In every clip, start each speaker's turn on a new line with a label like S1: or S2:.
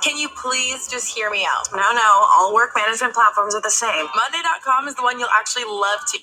S1: Can you please just hear me out? No, no, all work management platforms are the same. Monday. dot com is the one you'll actually love to.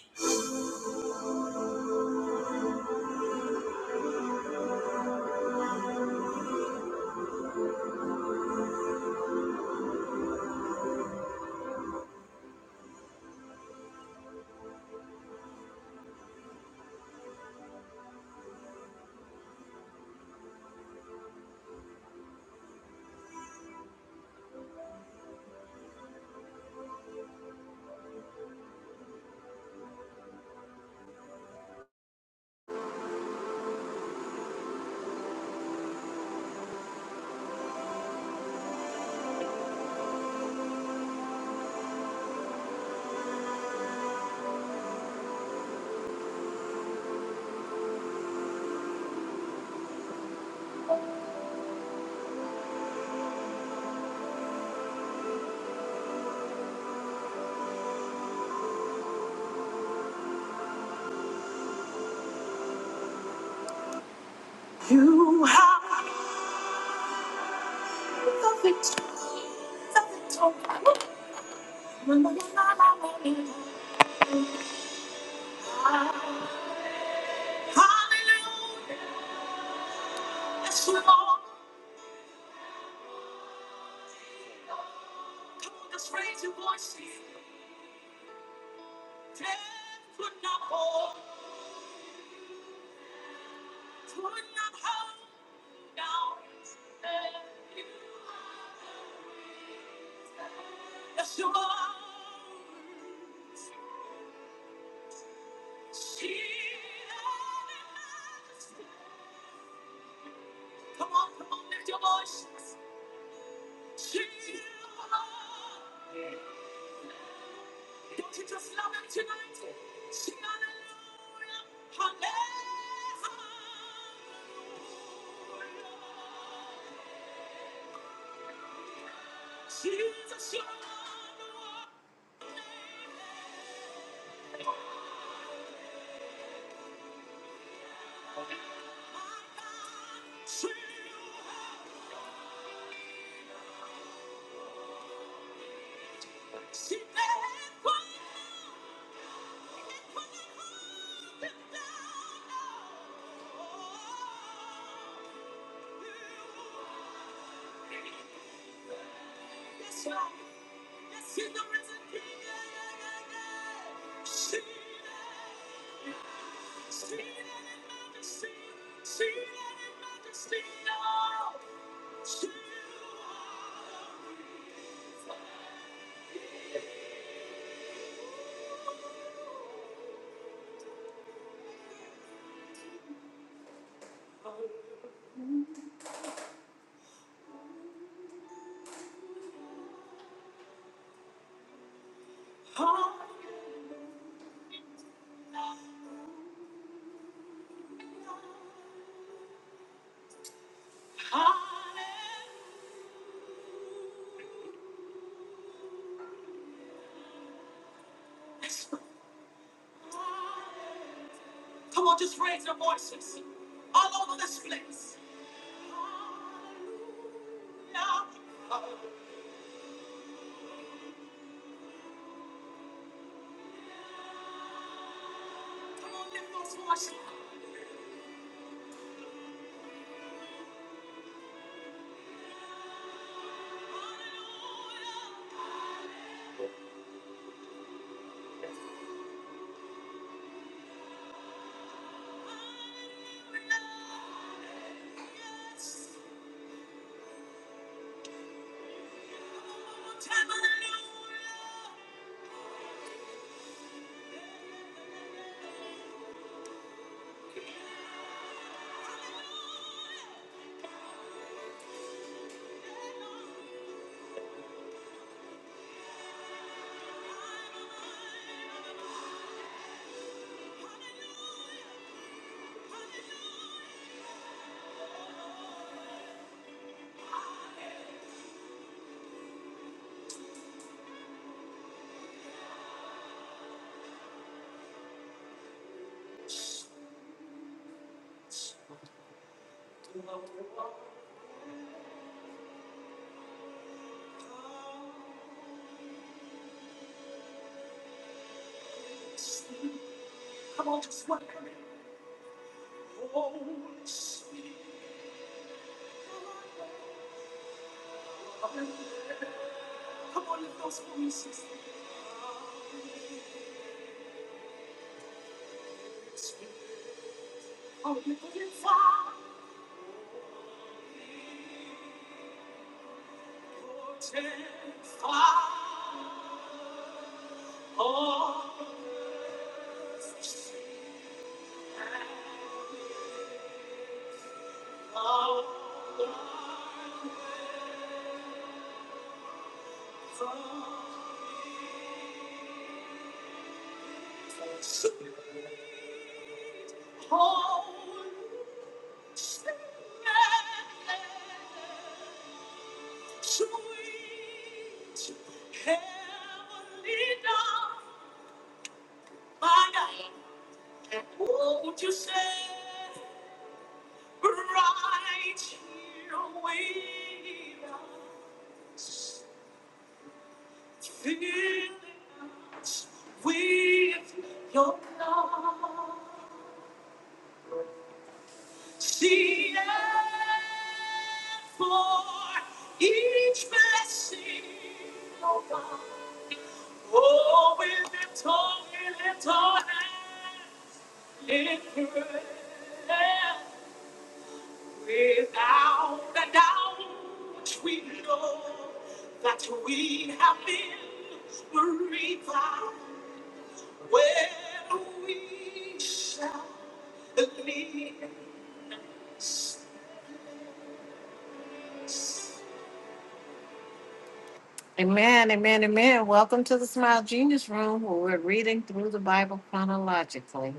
S1: Amen, amen, amen. Welcome to the Smile Genius Room where we're reading through the Bible chronologically.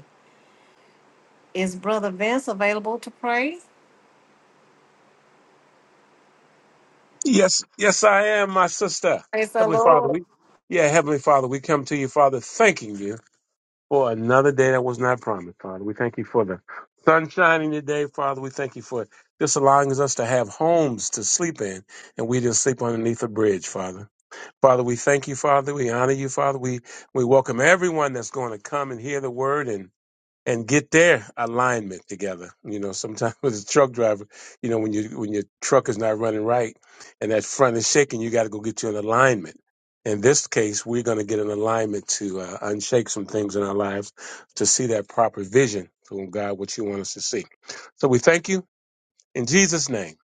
S1: Is Brother Vince available to pray?
S2: Yes, yes, I am, my sister.
S1: Praise the
S2: Heavenly Father,
S1: Lord.
S2: we, yeah, Heavenly Father, we come to you, Father, thanking you for another day that was not promised, Father. We thank you for the sun shining today, Father. We thank you for just allowing us to have homes to sleep in, and we just sleep underneath a bridge, Father. Father, we thank you, Father. We honor you, Father. We we welcome everyone that's going to come and hear the word and and get their alignment together. You know, sometimes with a truck driver, you know, when you when your truck is not running right and that front is shaking, you got to go get you an alignment. In this case, we're going to get an alignment to uh, unshake some things in our lives to see that proper vision from God, what you want us to see. So we thank you in Jesus' name.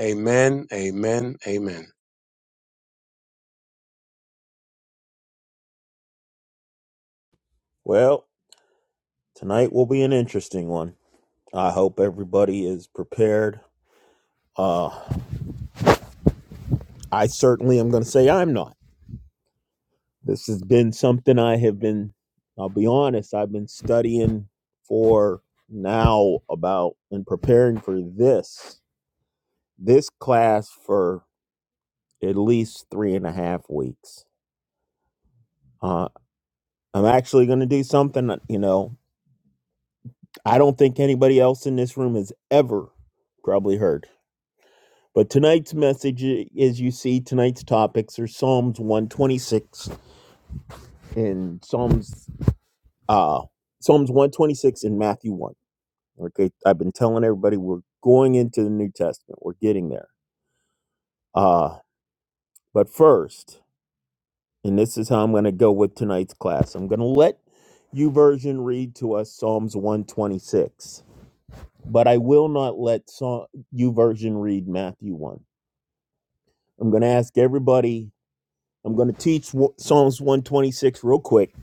S2: Amen. Amen. Amen.
S3: Well, tonight will be an interesting one. I hope everybody is prepared. Uh, I certainly am going to say I'm not. This has been something I have been, I'll be honest, I've been studying for now about and preparing for this, this class for at least three and a half weeks. Uh, I'm actually going to do something, you know, I don't think anybody else in this room has ever probably heard. But tonight's message, eh, as you see, tonight's topics are Psalms 126 and Psalms uh Psalms 126 and Matthew 1. Okay, I've been telling everybody we're going into the New Testament. We're getting there. Uh, but first, and this is how I'm going to go with tonight's class. I'm going to let you version read to us Psalms 126, but I will not let you version read Matthew 1. I'm going to ask everybody I'm going to teach Psalms 126 real quick,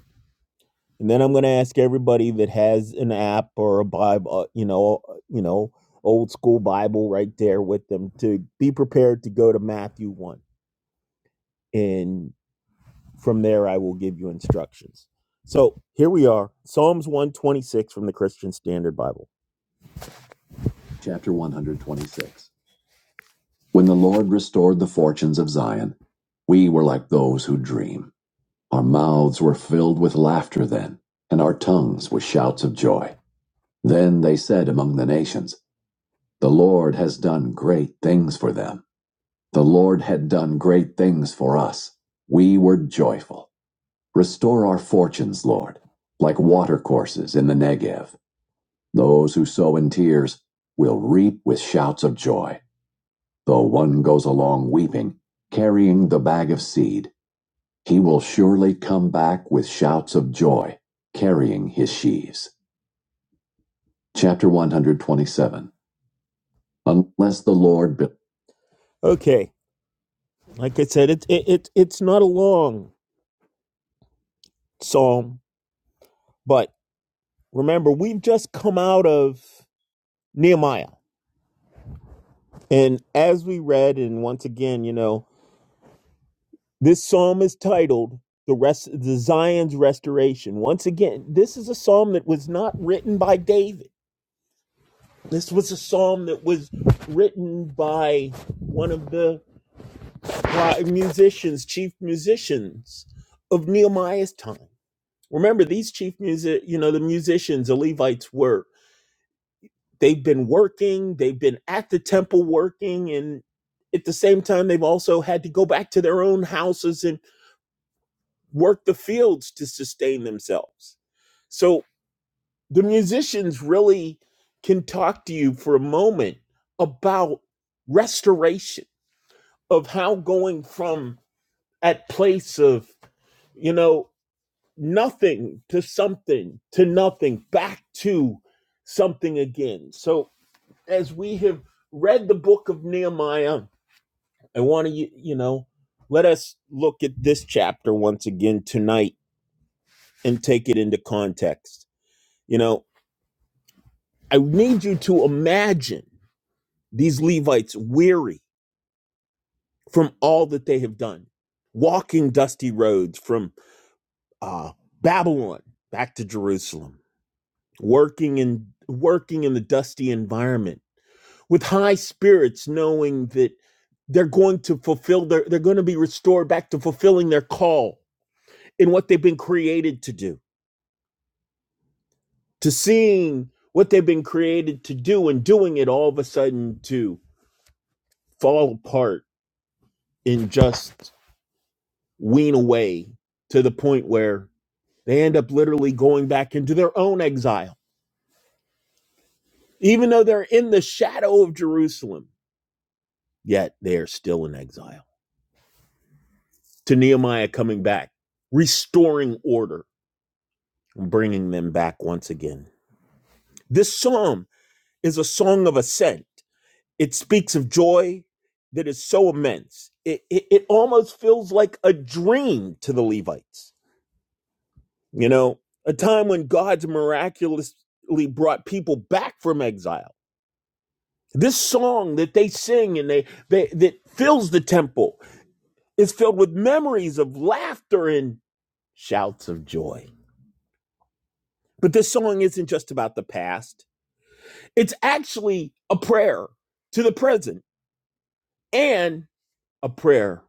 S3: and then I'm going to ask everybody that has an app or a Bible, uh, you know, uh, you know, old school Bible right there with them to be prepared to go to Matthew 1. And from there, I will give you instructions. So here we are, Psalms 126 from the Christian Standard Bible. Chapter 126. When the Lord restored the fortunes of Zion, we were like those who dream. Our mouths were filled with laughter then, and our tongues with shouts of joy. Then they said among the nations, The Lord has done great things for them. The Lord had done great things for us. We were joyful. Restore our fortunes, Lord, like watercourses in the Negev. Those who sow in tears will reap with shouts of joy. Though one goes along weeping, carrying the bag of seed, He will surely come back with shouts of joy, carrying his sheaves. Chapter 127. Unless the Lord. Be- okay, like I said, it, it, it, it's not a long psalm, but remember, we've just come out of Nehemiah. And as we read, and once again, you know, this psalm is titled the rest the Zion's restoration. Once again, this is a psalm that was not written by David. This was a psalm that was written by one of the musicians, chief musicians of Nehemiah's time. Remember, these chief music, you know, the musicians, the Levites were, they've been working, they've been at the temple working, and at the same time, they've also had to go back to their own houses and work the fields to sustain themselves. So the musicians really can talk to you for a moment about restoration of how going from at place of you know nothing to something to nothing back to something again so as we have read the book of nehemiah i want to you you know let us look at this chapter once again tonight and take it into context you know i need you to imagine these levites weary from all that they have done walking dusty roads from uh, Babylon back to Jerusalem, working in working in the dusty environment with high spirits, knowing that they're going to fulfill their they're going to be restored back to fulfilling their call in what they've been created to do, to seeing what they've been created to do and doing it all of a sudden to fall apart and just wean away to the point where they end up literally going back into their own exile Even though they're in the shadow of Jerusalem, yet they are still in exile. To Nehemiah coming back, restoring order, and bringing them back once again. This psalm is a song of ascent. It speaks of joy that is so immense. It, it, it almost feels like a dream to the Levites. You know, a time when God's miraculously brought people back from exile. This song that they sing and they, they that fills the temple Is filled with memories of laughter and shouts of joy. But this song isn't just about the past, it's actually a prayer to the present and a prayer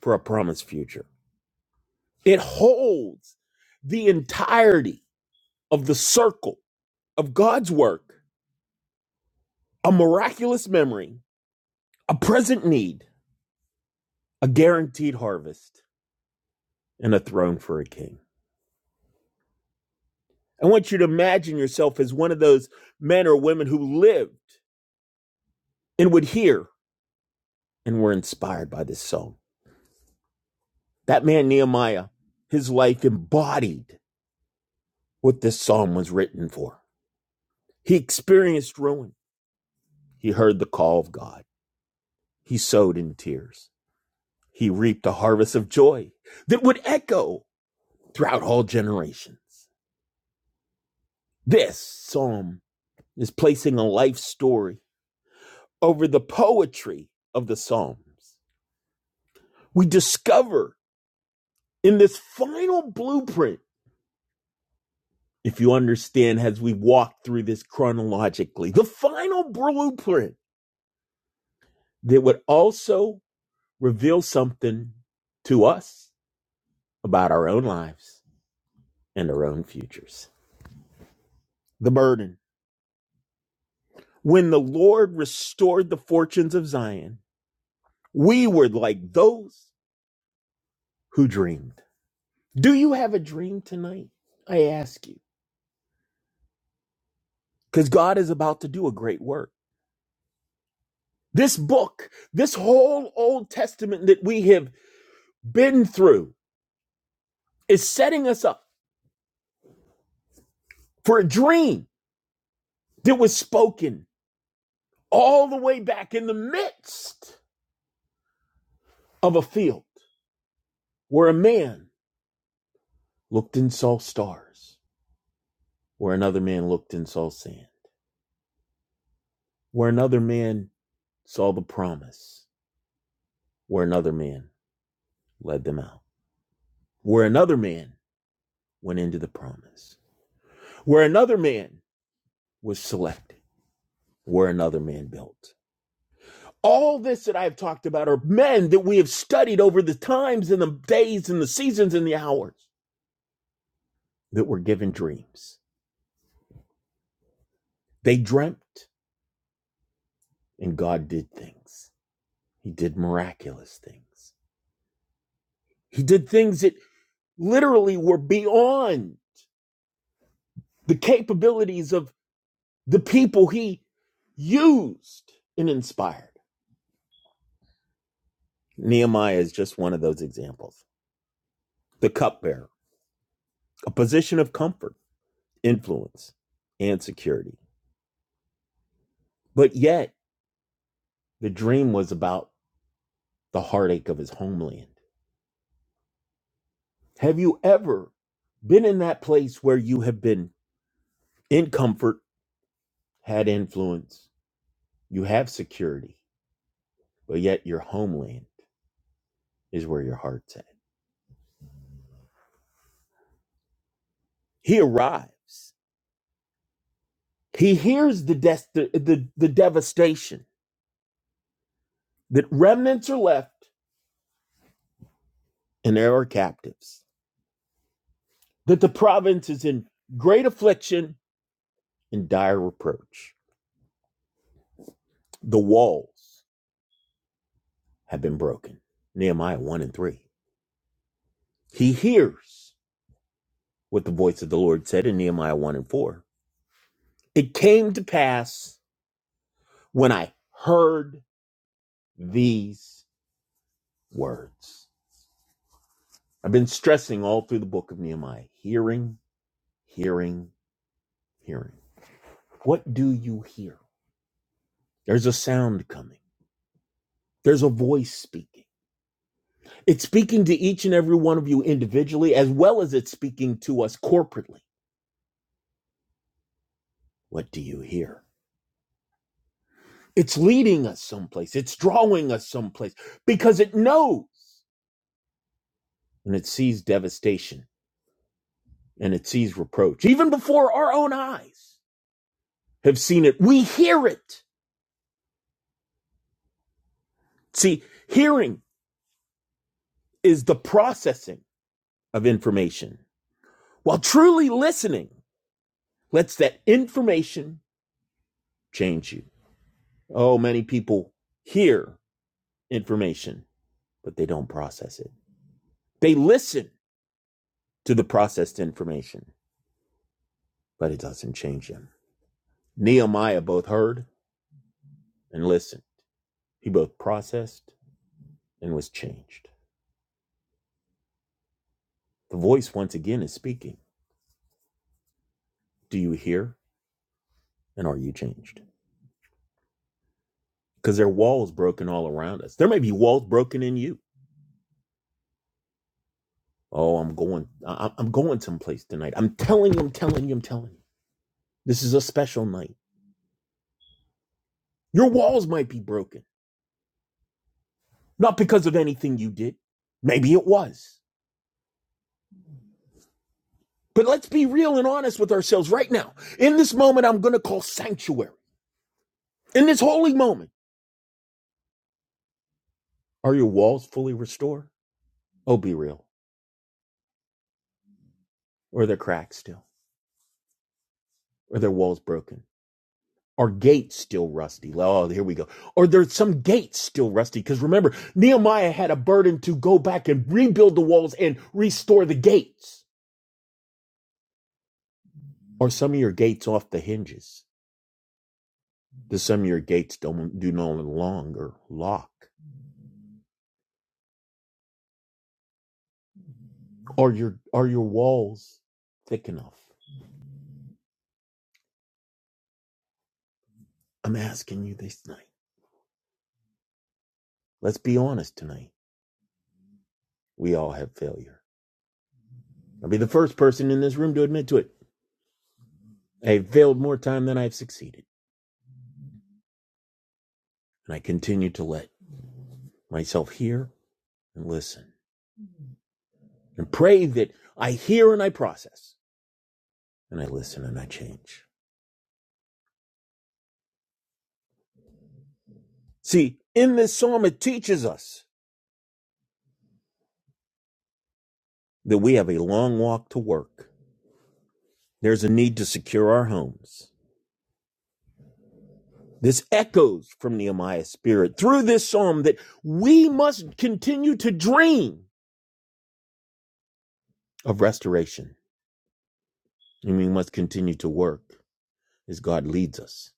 S3: for a promised future. It holds the entirety of the circle of God's work, a miraculous memory, a present need, a guaranteed harvest, and a throne for a king. I want you to imagine yourself as one of those men or women who lived and would hear and were inspired by this song. That man, Nehemiah, his life embodied what this psalm was written for. He experienced ruin. He heard the call of God. He sowed in tears. He reaped a harvest of joy that would echo throughout all generations. This psalm is placing a life story over the poetry of the Psalms. We discover in this final blueprint if you understand as we walk through this chronologically, the final blueprint that would also reveal something to us about our own lives and our own futures. The burden. When the Lord restored the fortunes of Zion, we were like those who dreamed. Do you have a dream tonight? I ask you. Because God is about to do a great work. This book, this whole Old Testament that we have been through, is setting us up for a dream that was spoken all the way back in the midst of a field where a man looked and saw stars, where another man looked and saw sand, where another man saw the promise, where another man led them out, where another man went into the promise, where another man was selected, where another man built. All this that I've talked about are men that we have studied over the times and the days and the seasons and the hours that were given dreams. They dreamt, and God did things. He did miraculous things. He did things that literally were beyond the capabilities of the people he used and inspired. Nehemiah is just one of those examples. The cupbearer, a position of comfort, influence, and security. But yet, the dream was about the heartache of his homeland. Have you ever been in that place where you have been? In comfort had influence. You have security, but yet your homeland is where your heart's at. He arrives. He hears the, des- the, the, the devastation that remnants are left and there are captives, that the province is in great affliction and dire reproach. The walls have been broken. Nehemiah 1 and 3. He hears what the voice of the Lord said in Nehemiah 1 and 4. It came to pass when I heard these words. I've been stressing all through the book of Nehemiah hearing, hearing, hearing. What do you hear? There's a sound coming, there's a voice speaking. It's speaking to each and every one of you individually, as well as it's speaking to us corporately. What do you hear? It's leading us someplace, it's drawing us someplace because it knows and it sees devastation and it sees reproach. Even before our own eyes have seen it, we hear it See, hearing is the processing of information, while truly listening lets that information change you. Oh, many people hear information, but they don't process it. They listen to the processed information, but it doesn't change them. Nehemiah both heard and listened, he both processed and was changed. The voice once again is speaking Do you hear and are you changed? Because there are walls broken all around us. There may be walls broken in you Oh, I'm going. I- I'm going someplace tonight. I'm telling you. I'm telling you. I'm telling you. This is a special night. Your walls might be broken, not because of anything you did. Maybe it was. But let's be real and honest with ourselves right now. In this moment, I'm going to call sanctuary. In this holy moment, are your walls fully restored? Oh, be real. Or are their cracks still? Or their walls broken? Are gates still rusty? Well, Oh, here we go. Are there some gates still rusty? Because remember, Nehemiah had a burden to go back and rebuild the walls and restore the gates. Are some of your gates off the hinges? Do some of your gates don't do no longer lock? Are your are your walls thick enough? I'm asking you this night. Let's be honest tonight. We all have failure. I'll be the first person in this room to admit to it. I've failed more time than I've succeeded, and I continue to let myself hear and listen and pray that I hear and I process and I listen and I change. See, in this psalm, it teaches us that we have a long walk to work. There's a need to secure our homes. This echoes from Nehemiah's spirit through this psalm that we must continue to dream of restoration and we must continue to work as God leads us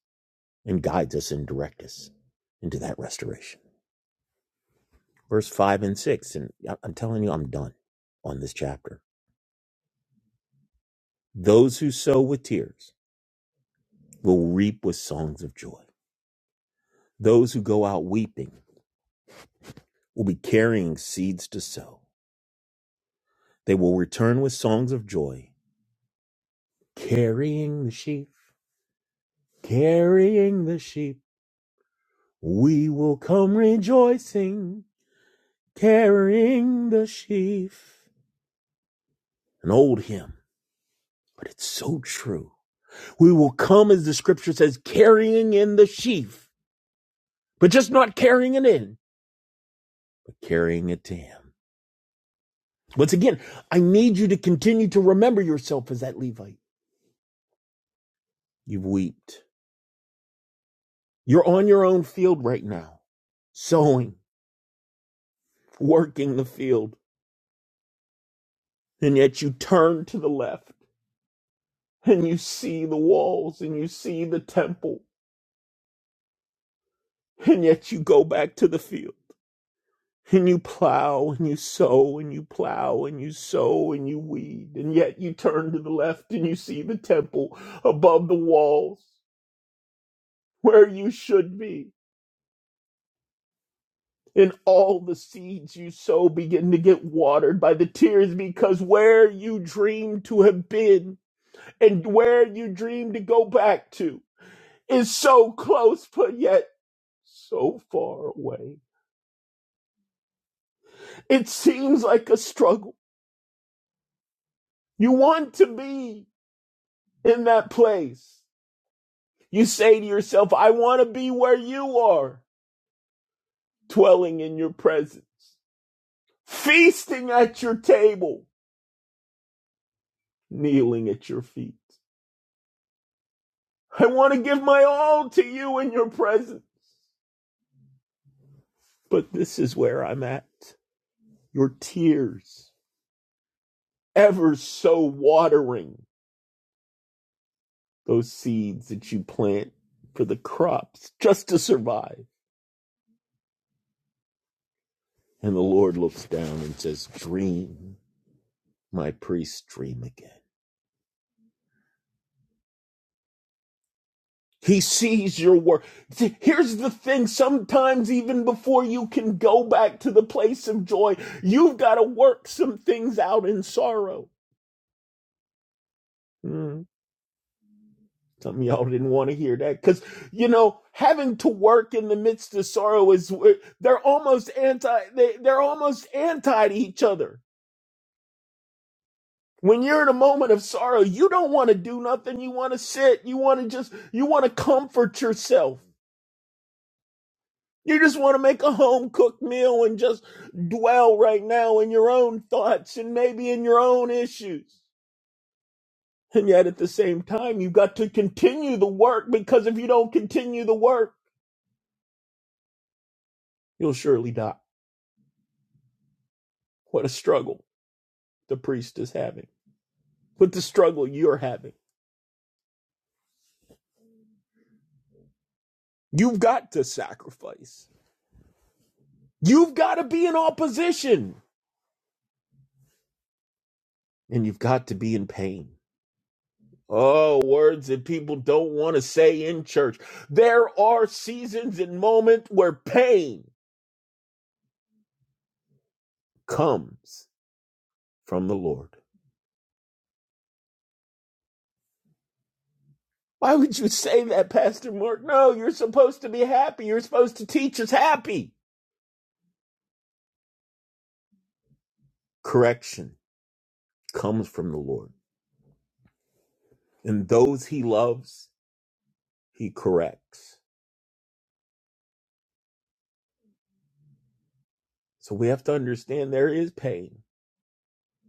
S3: and guides us and directs us into that restoration. Verse 5 and 6, and I- am telling you, I'm done on this chapter Those who sow with tears will reap with songs of joy. Those who go out weeping will be carrying seeds to sow. They will return with songs of joy, carrying the sheaf, carrying the sheep. We will come rejoicing, carrying the sheaf. An old hymn, but it's so true. We will come, as the scripture says, carrying in the sheaf, but just not carrying it in, but carrying it to Him. Once again, I need you to continue to remember yourself as that Levite. You've wept. You're on your own field right now, sowing, working the field, and yet you turn to the left and you see the walls and you see the temple, and yet you go back to the field and you plow and you sow and you plow and you sow and you weed, and yet you turn to the left and you see the temple above the walls where you should be and all the seeds you sow begin to get watered by the tears because where you dream to have been and where you dream to go back to is so close but yet so far away. It seems like a struggle. You want to be in that place. You say to yourself, I want to be where you are, dwelling in your presence, feasting at your table, kneeling at your feet. I want to give my all to you in your presence. But this is where I'm at. Your tears, ever so watering those seeds that you plant for the crops just to survive. And the Lord looks down and says, Dream, my priest, dream again. He sees your work. Here's the thing. Sometimes, even before you can go back to the place of joy, you've got to work some things out in sorrow. Mm. Some of y'all didn't want to hear that because, you know, having to work in the midst of sorrow is, they're almost anti, they, they're almost anti to each other. When you're in a moment of sorrow, you don't want to do nothing. You want to sit. You want to just, you want to comfort yourself. You just want to make a home cooked meal and just dwell right now in your own thoughts and maybe in your own issues. And yet at the same time, you've got to continue the work because if you don't continue the work, you'll surely die. What a struggle the priest is having. What the struggle you're having. You've got to sacrifice. You've got to be in opposition. And you've got to be in pain. Oh, words that people don't want to say in church. There are seasons and moments where pain comes from the Lord. Why would you say that, Pastor Mark? No, you're supposed to be happy. You're supposed to teach us happy. Correction comes from the Lord. And those he loves, he corrects. So we have to understand there is pain.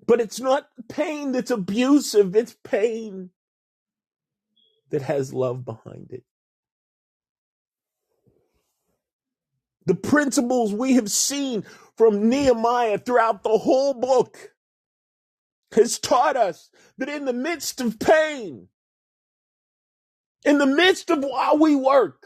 S3: But it's not pain that's abusive, it's pain that has love behind it. The principles we have seen from Nehemiah throughout the whole book has taught us that in the midst of pain, in the midst of while we work,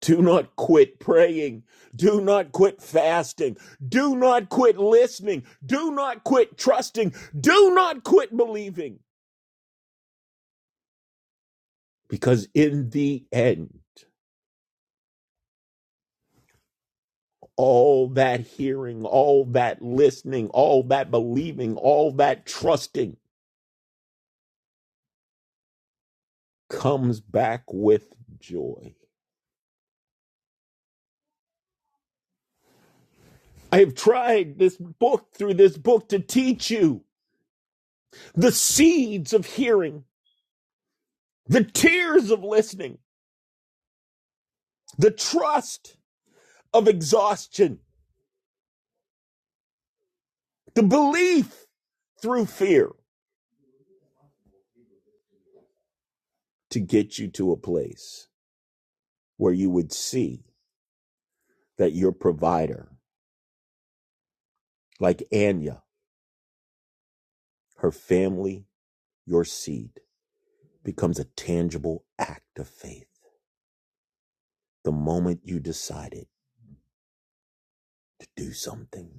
S3: do not quit praying. Do not quit fasting. Do not quit listening. Do not quit trusting. Do not quit believing. Because in the end, all that hearing, all that listening, all that believing, all that trusting comes back with joy. I have tried this book through this book to teach you the seeds of hearing, the tears of listening, the trust of exhaustion, the belief through fear to get you to a place where you would see that your provider, like Anya, her family, your seed. becomes a tangible act of faith. The moment you decided to do something,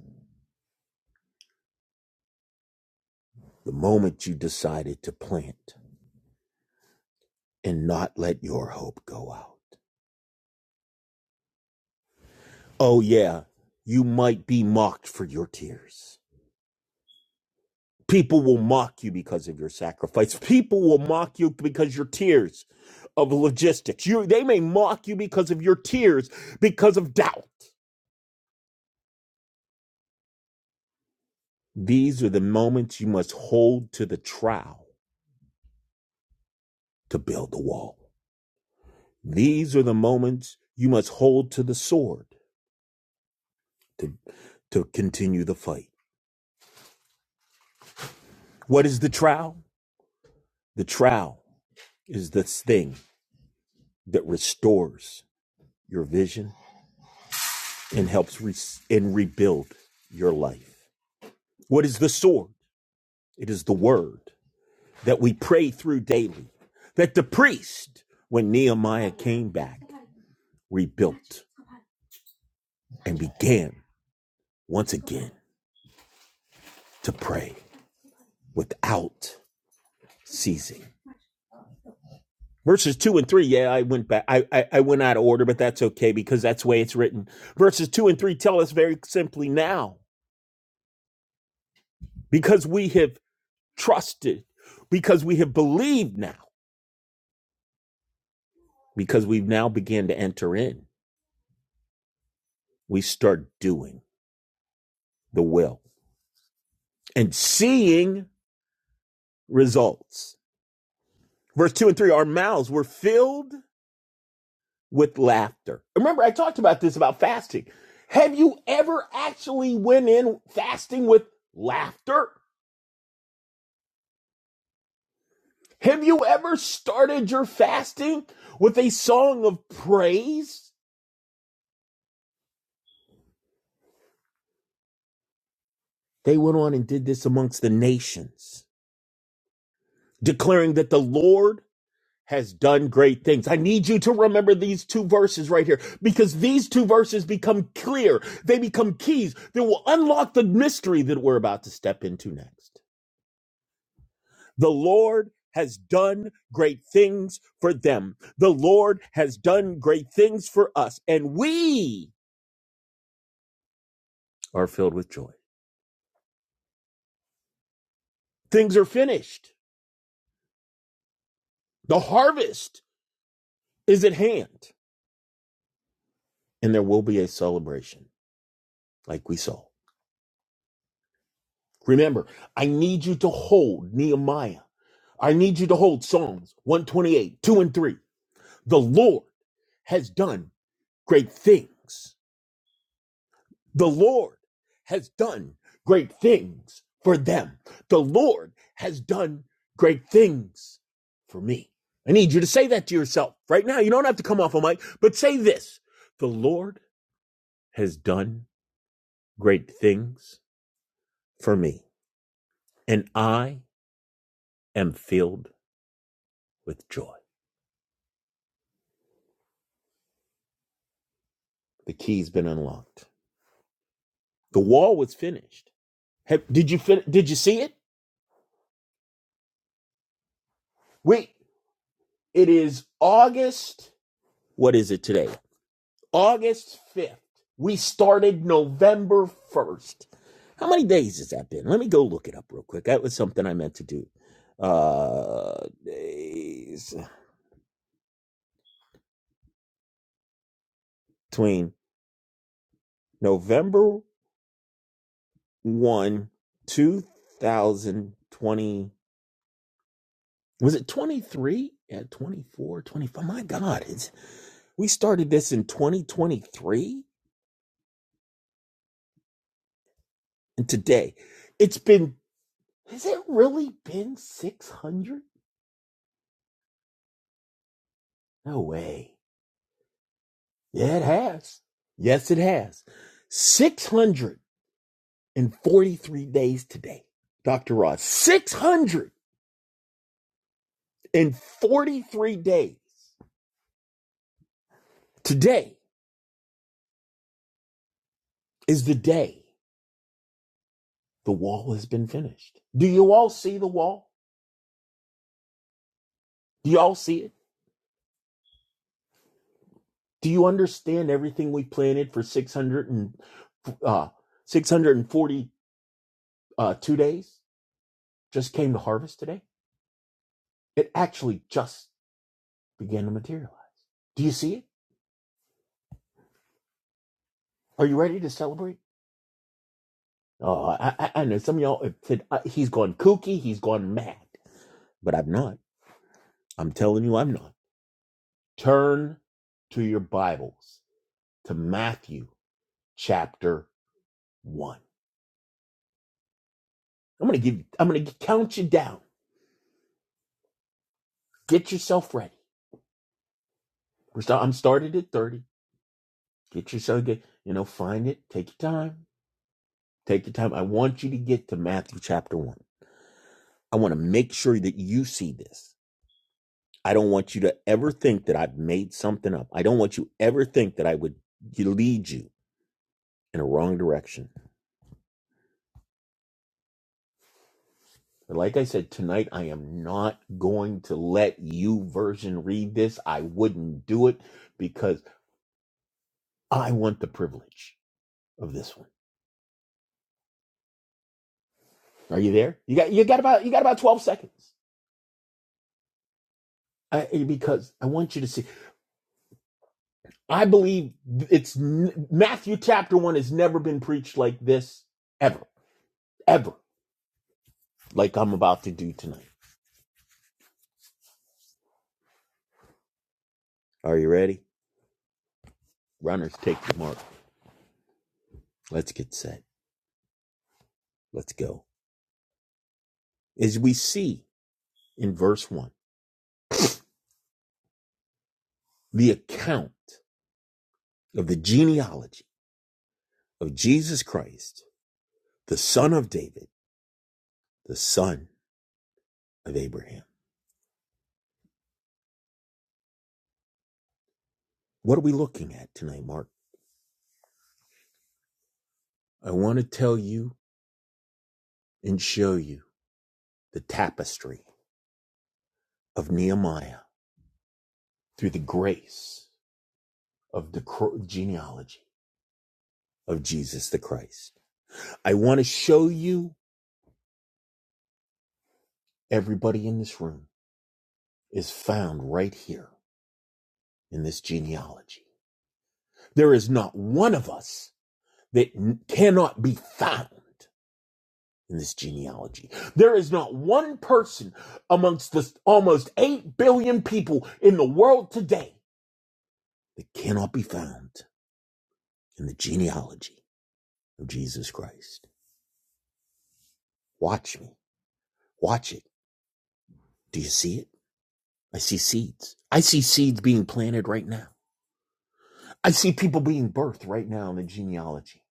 S3: the moment you decided to plant and not let your hope go out. Oh, yeah, you might be mocked for your tears. People will mock you because of your sacrifice. People will mock you because your tears of logistics. You, they may mock you because of your tears, because of doubt. These are the moments you must hold to the trowel to build the wall. These are the moments you must hold to the sword to, to continue the fight. What is the trowel? The trowel is the thing that restores your vision and helps re- and rebuild your life. What is the sword? It is the word that we pray through daily, that the priest, when Nehemiah came back, rebuilt and began once again to pray without ceasing. Verses two and three, yeah, I went back. I, I I went out of order, but that's okay because that's the way it's written. Verses two and three tell us very simply now, because we have trusted, because we have believed now, because we've now began to enter in, we start doing the will and seeing results. Verse two and three, our mouths were filled with laughter. Remember, I talked about this about fasting. Have you ever actually went in fasting with laughter? Have you ever started your fasting with a song of praise? They went on and did this amongst the nations, declaring that the Lord has done great things. I need you to remember these two verses right here because these two verses become clear. They become keys that will unlock the mystery that we're about to step into next. The Lord has done great things for them. The Lord has done great things for us, and we are filled with joy. Things are finished. The harvest is at hand. And there will be a celebration like we saw. Remember, I need you to hold Nehemiah. I need you to hold Psalms 128, 2 and 3. The Lord has done great things. The Lord has done great things for them. The Lord has done great things for me. I need you to say that to yourself right now. You don't have to come off a mic, but say this. The Lord has done great things for me, and I am filled with joy. The key's been unlocked. The wall was finished. Have, did you fin- did you see it? Wait, it is August. What is it today? August fifth. We started November first. How many days has that been? Let me go look it up real quick. That was something I meant to do. Uh, days between November 1, 2020. Was it 23? Yeah, 24, twenty-five. My God, it's, we started this in 2023 and today it's been, has it really been 600? No way. Yeah, it has. Yes, it has. 643 days today, Dr. Ross. 643 days. Today is the day. The wall has been finished. Do you all see the wall? Do you all see it? Do you understand everything we planted for 600 and, uh, 642 uh, days just came to harvest today? It actually just began to materialize. Do you see it? Are you ready to celebrate? Oh, I, I, I know some of y'all have said uh, he's gone kooky, he's gone mad, but I'm not. I'm telling you, I'm not. Turn to your Bibles to Matthew chapter 1. I'm gonna give. you, I'm gonna count you down. Get yourself ready. We're start, I'm started at thirty. Get yourself get. You know, find it. Take your time. Take your time. I want you to get to Matthew chapter one. I want to make sure that you see this. I don't want you to ever think that I've made something up. I don't want you ever think that I would lead you in a wrong direction. But like I said tonight, I am not going to let you version read this. I wouldn't do it because I want the privilege of this one. Are you there? You got you got about you got about twelve seconds. I, because I want you to see. I believe it's Matthew chapter one has never been preached like this ever, ever, like I'm about to do tonight. Are you ready? Runners, take the mark. Let's get set. Let's go. As we see in verse one, the account of the genealogy of Jesus Christ, the son of David, the son of Abraham. What are we looking at tonight, Mark? I want to tell you and show you the tapestry of Nehemiah through the grace of the genealogy of Jesus the Christ. I want to show you everybody in this room is found right here in this genealogy. There is not one of us that cannot be found in this genealogy. There is not one person amongst the almost 8 billion people in the world today that cannot be found in the genealogy of Jesus Christ. Watch me. Watch it. Do you see it? I see seeds. I see seeds being planted right now. I see people being birthed right now in the genealogy.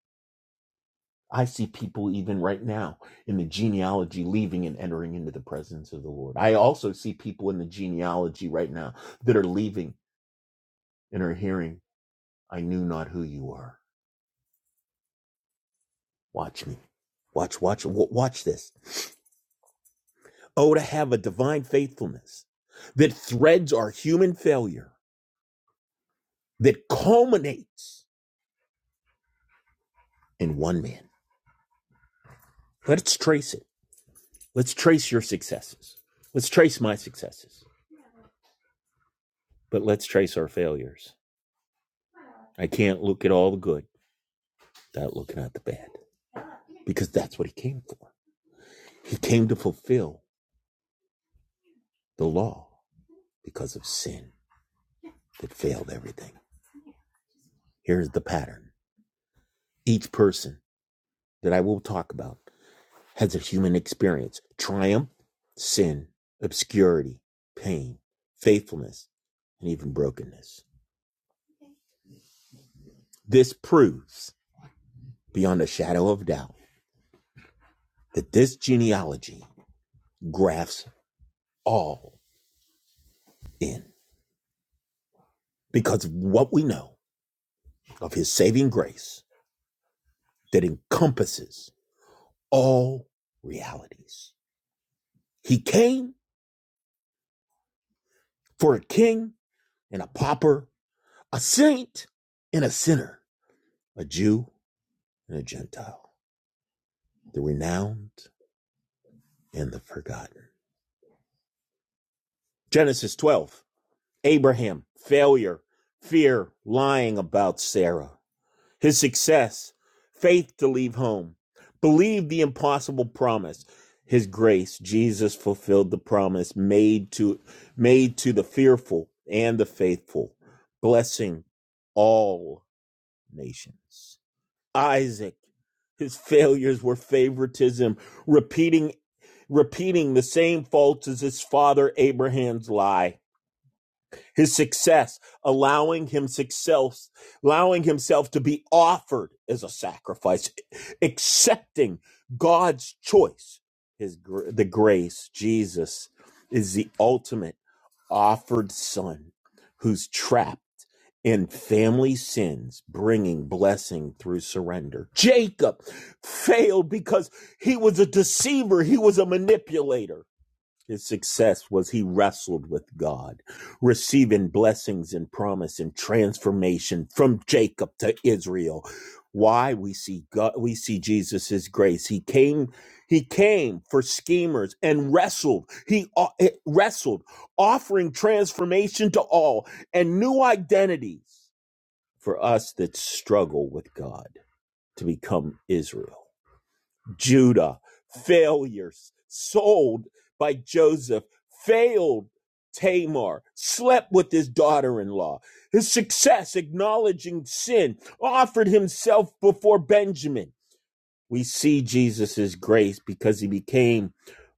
S3: I see people even right now in the genealogy leaving and entering into the presence of the Lord. I also see people in the genealogy right now that are leaving and are hearing, I knew not who you are. Watch me. Watch, watch, watch this. Oh, to have a divine faithfulness that threads our human failure that culminates in one man. Let's trace it. Let's trace your successes. Let's trace my successes, but let's trace our failures. I can't look at all the good without looking at the bad because that's what he came for. He came to fulfill the law because of sin that failed everything. Here's the pattern each person that I will talk about has a human experience triumph, sin, obscurity, pain, faithfulness, and even brokenness. This proves beyond a shadow of doubt that this genealogy grafts all in because of what we know of his saving grace that encompasses all realities. He came for a king and a pauper, a saint and a sinner, a Jew and a Gentile, the renowned and the forgotten. Genesis 12 Abraham, failure, fear, lying about Sarah. his success, faith to leave home, believe the impossible promise. His grace, Jesus fulfilled the promise made to made to the fearful and the faithful, blessing all nations. Isaac, his failures were favoritism, repeating repeating the same faults as his father Abraham's lie his success, allowing himself, allowing himself to be offered as a sacrifice, accepting God's choice, his the grace. Jesus is the ultimate offered son who's trapped in family sins, bringing blessing through surrender. Jacob failed because he was a deceiver. He was a manipulator his success was he wrestled with God, receiving blessings and promise and transformation from Jacob to Israel. Why we see God, we see Jesus's grace. He came, he came for schemers and wrestled. He o- wrestled, offering transformation to all and new identities for us that struggle with God to become Israel. Judah, failures, sold by Joseph, failed Tamar, slept with his daughter in law. His success, acknowledging sin, offered himself before Benjamin. We see Jesus's grace because he became.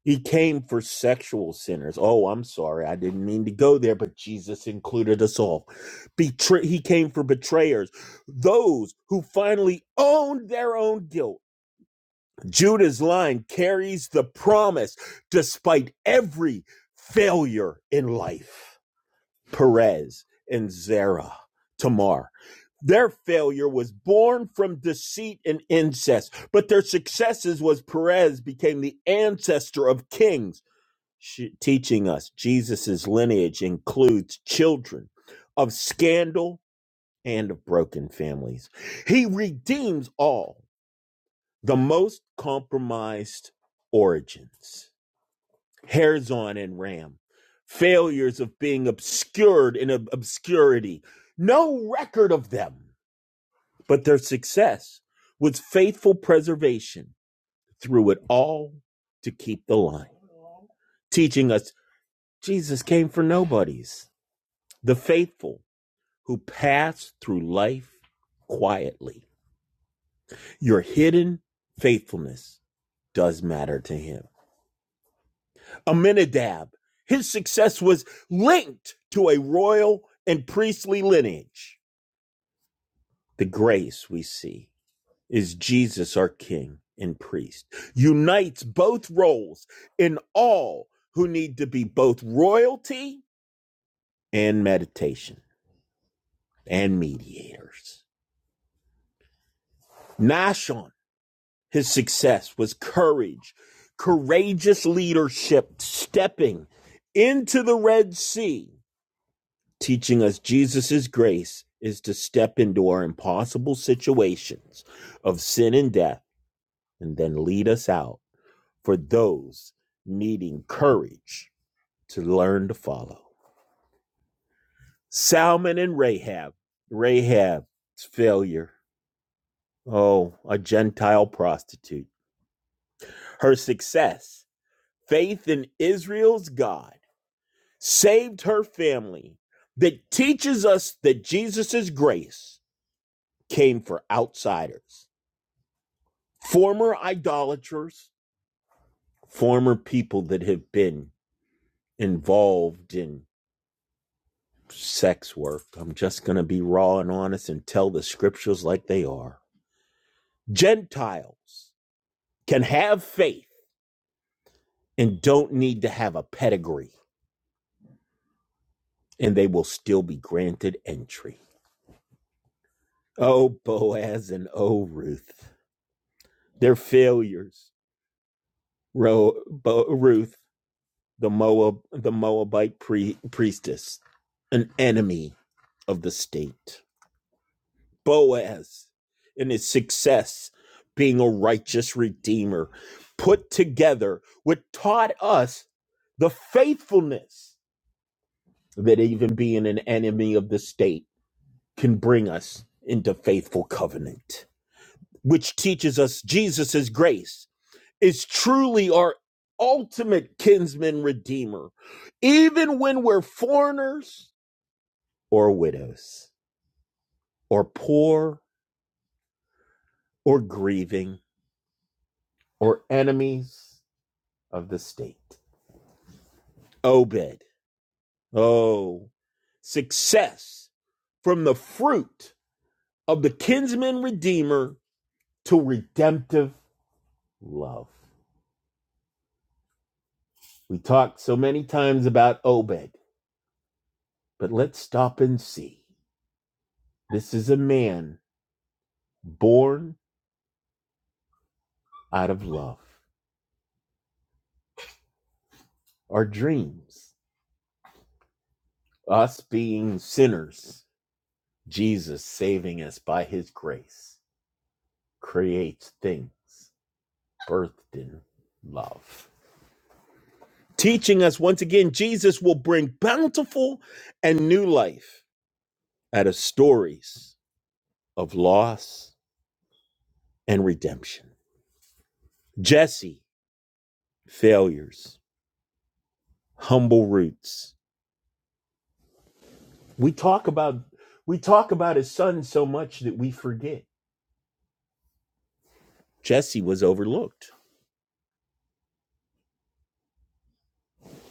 S3: He came for sexual sinners. Oh, I'm sorry. I didn't mean to go there, but Jesus included us all. Betray- he came for betrayers, those who finally owned their own guilt Judah's line carries the promise despite every failure in life. Perez and Zerah, Tamar. Their failure was born from deceit and incest, but their successes was Perez became the ancestor of kings, teaching us Jesus's lineage includes children of scandal and of broken families. He redeems all the most compromised origins. Harzon and Ram. Failures of being obscured in ob- obscurity. No record of them, but their success was faithful preservation through it all to keep the line. Teaching us Jesus came for nobodies, the faithful who pass through life quietly. Your hidden faithfulness does matter to him. Aminadab. His success was linked to a royal and priestly lineage. The grace we see is Jesus, our King and priest, unites both roles in all who need to be both royalty and meditation and mediators. Nashon, his success was courage, courageous leadership, stepping into the Red Sea Teaching us Jesus' grace is to step into our impossible situations of sin and death and then lead us out for those needing courage to learn to follow. Salmon and Rahab. Rahab's failure. Oh, a Gentile prostitute. Her success, faith in Israel's God, saved her family that teaches us that Jesus' grace came for outsiders former idolaters, former people that have been involved in sex work. I'm just going to be raw and honest and tell the scriptures like they are. Gentiles can have faith and don't need to have a pedigree, and they will still be granted entry. Oh, Boaz and oh, Ruth, their failures. Ro- Bo- Ruth, the Moab, the Moabite pre- priestess, an enemy of the state. Boaz and his success being a righteous redeemer, put together, what taught us the faithfulness that even being an enemy of the state can bring us into faithful covenant, which teaches us Jesus's grace is truly our ultimate kinsman redeemer, even when we're foreigners or widows or poor or grieving or enemies of the state. Obed. Oh, success from the fruit of the kinsman redeemer To redemptive love. We talked so many times about Obed, but let's stop and see. This is a man born out of love, our dreams, us being sinners. Jesus saving us by his grace creates things birthed in love. teaching us once again Jesus will bring bountiful and new life out of stories of loss and redemption. Jesse, failures, humble roots. We talk about we talk about his son so much that we forget. Jesse was overlooked.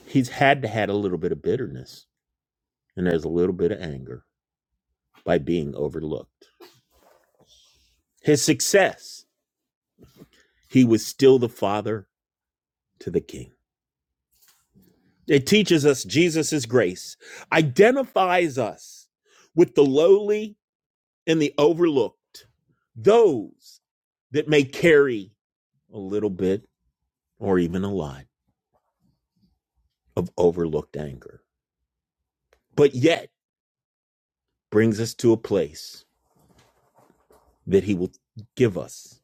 S3: He's had to had a little bit of bitterness and there's a little bit of anger by being overlooked. His success, he was still the father to the king It teaches us Jesus' grace, identifies us with the lowly and the overlooked, those that may carry a little bit or even a lot of overlooked anger, but yet brings us to a place that He will give us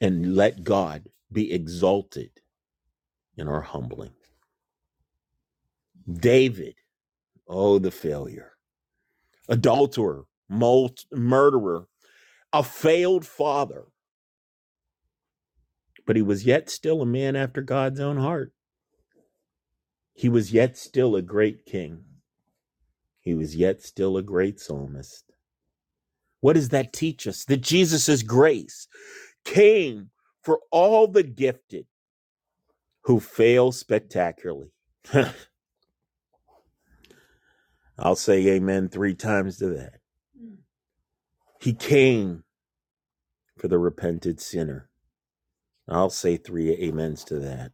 S3: and let God be exalted in our humbling. David, oh, the failure, adulterer, mul- murderer, a failed father but he was yet still a man after God's own heart. He was yet still a great king. He was yet still a great psalmist. What does that teach us? That Jesus' grace came for all the gifted who fail spectacularly. I'll say amen three times to that. He came for the repented sinner. I'll say three amens to that.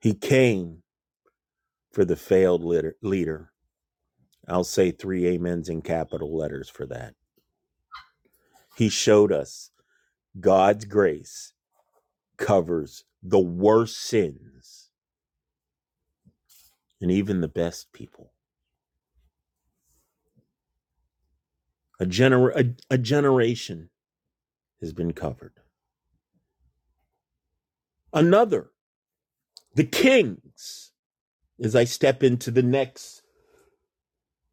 S3: He came for the failed leader. leader. I'll say three amens in capital letters for that. He showed us God's grace covers the worst sins and even the best people. A, gener- a, a generation has been covered. Another, the kings, as I step into the next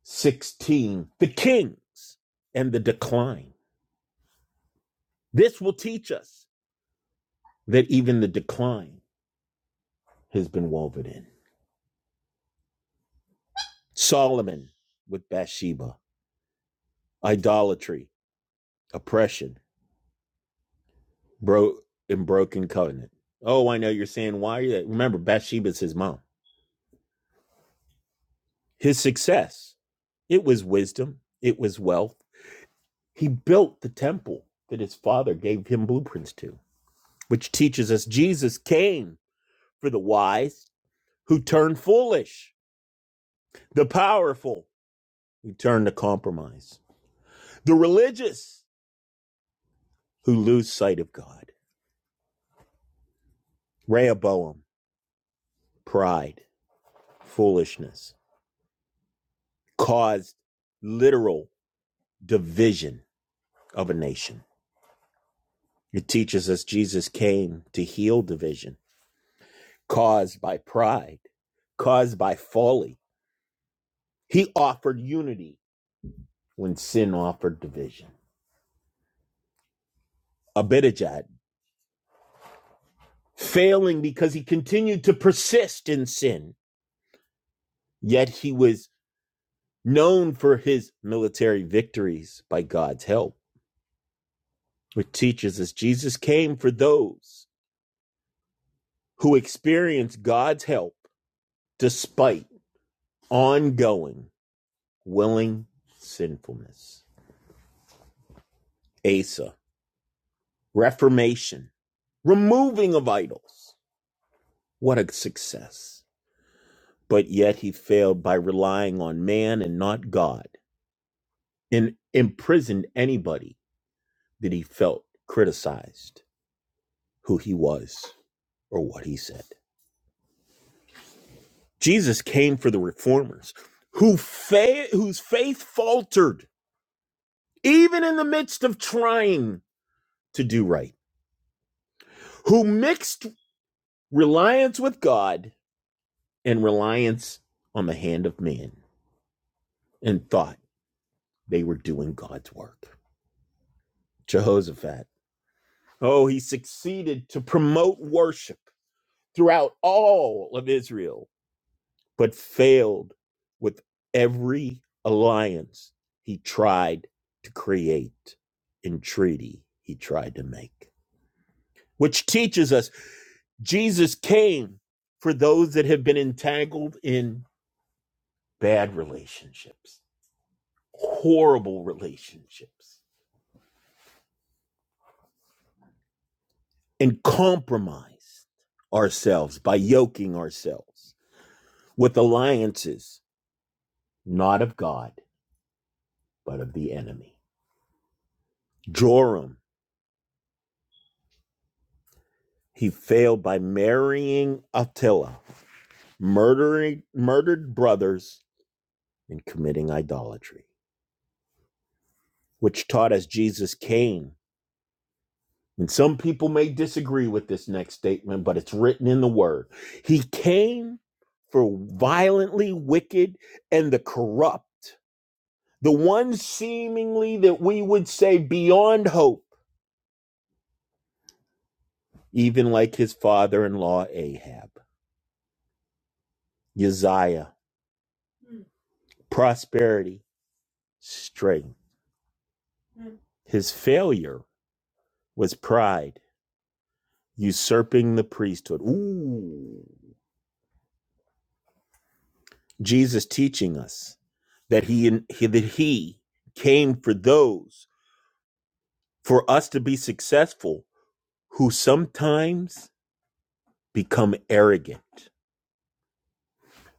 S3: 16, the kings and the decline. This will teach us that even the decline has been woven in. Solomon with Bathsheba, idolatry, oppression, broke and broken covenant. Oh, I know you're saying why are you that? remember Bathsheba's his mom. His success. It was wisdom, it was wealth. He built the temple that his father gave him blueprints to, which teaches us Jesus came for the wise who turn foolish, the powerful who turn to compromise, the religious who lose sight of God. Rehoboam, pride, foolishness caused literal division of a nation. It teaches us Jesus came to heal division caused by pride, caused by folly. He offered unity when sin offered division. Abijah failing because he continued to persist in sin, yet he was known for his military victories by God's help. It teaches us Jesus came for those who experience God's help despite ongoing willing sinfulness. Asa, Reformation, removing of idols. What a success. But yet he failed by relying on man and not God and imprisoned anybody that he felt criticized who he was or what he said. Jesus came for the reformers who fa- whose faith faltered even in the midst of trying to do right, who mixed reliance with God and reliance on the hand of man and thought they were doing God's work. Jehoshaphat, oh, he succeeded to promote worship throughout all of Israel, but failed with every alliance he tried to create and treaty he tried to make. Which teaches us Jesus came for those that have been entangled in bad relationships, horrible relationships and compromised ourselves by yoking ourselves with alliances not of God, but of the enemy. Joram, he failed by marrying Attila, murdering murdered brothers, and committing idolatry, which taught us Jesus came. And some people may disagree with this next statement, but it's written in the word. He came for violently wicked and the corrupt the one seemingly that we would say beyond hope, even like his father in law Ahab. Uzziah, prosperity, strength. His failure was pride, usurping the priesthood. Ooh. Jesus teaching us that he, he that he came for those for us to be successful who sometimes become arrogant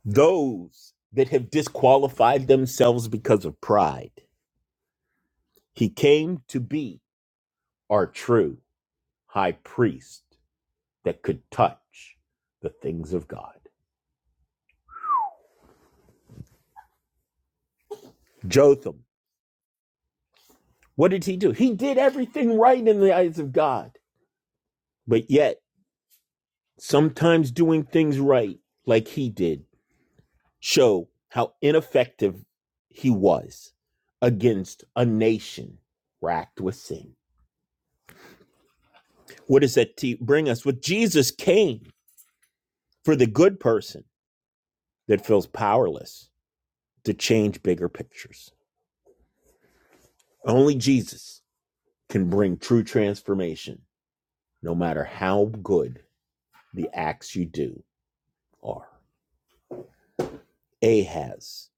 S3: those that have disqualified themselves because of pride. He came to be our true high priest that could touch the things of God. Jotham, what did he do? He did everything right in the eyes of God, but yet sometimes doing things right like he did show how ineffective he was against a nation racked with sin. What does that te- bring us? What Jesus came for the good person that feels powerless to change bigger pictures. Only Jesus can bring true transformation, no matter how good the acts you do are. Ahaz,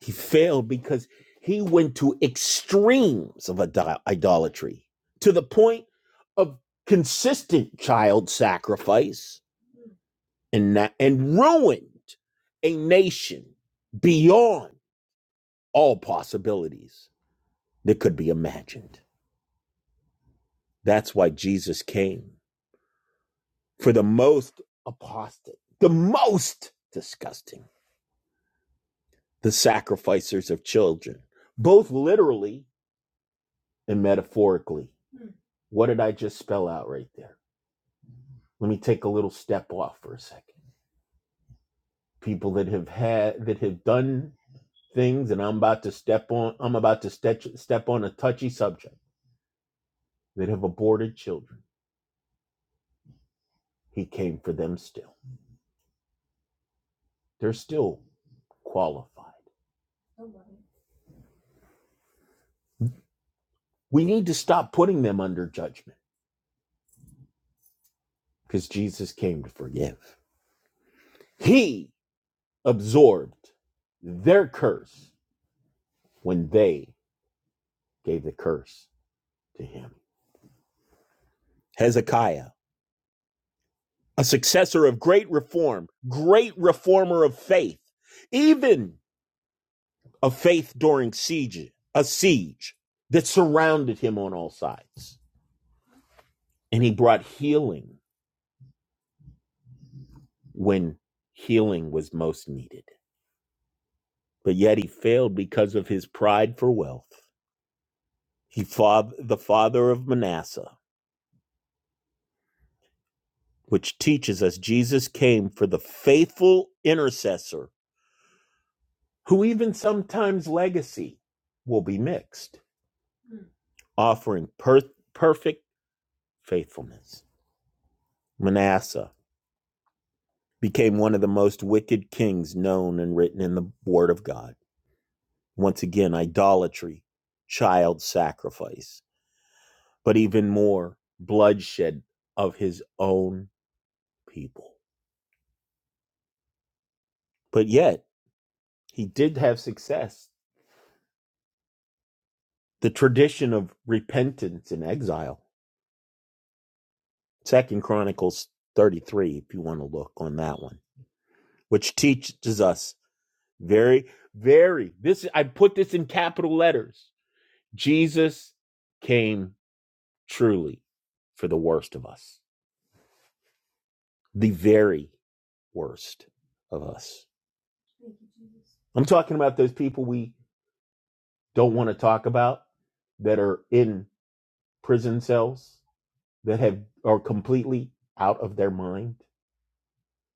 S3: he failed because he went to extremes of idolatry to the point of consistent child sacrifice and, na- and ruined a nation beyond all possibilities that could be imagined. That's why Jesus came for the most apostate, the most disgusting, the sacrificers of children, both literally and metaphorically. What did I just spell out right there? Let me take a little step off for a second. People that have had that have done things, and I'm about to step on. I'm about to step step on a touchy subject that have aborted children. He came for them still. They're still qualified. We need to stop putting them under judgment because Jesus came to forgive. He absorbed their curse when they gave the curse to him. Hezekiah, a successor of great reform, great reformer of faith, even of faith during siege, a siege that surrounded him on all sides. And he brought healing when healing was most needed. But yet he failed because of his pride for wealth. He fath- the father of Manasseh which teaches us Jesus came for the faithful intercessor, who even sometimes legacy will be mixed, offering per- perfect faithfulness. Manasseh became one of the most wicked kings known and written in the Word of God. Once again, idolatry, child sacrifice, but even more, bloodshed of his own people. But yet, he did have success. The tradition of repentance in exile Second Chronicles 33, if you want to look on that one, which teaches us very, very this I put this in capital letters. Jesus came truly for the worst of us. The very worst of us. I'm talking about those people we don't want to talk about that are in prison cells, that have are completely out of their mind,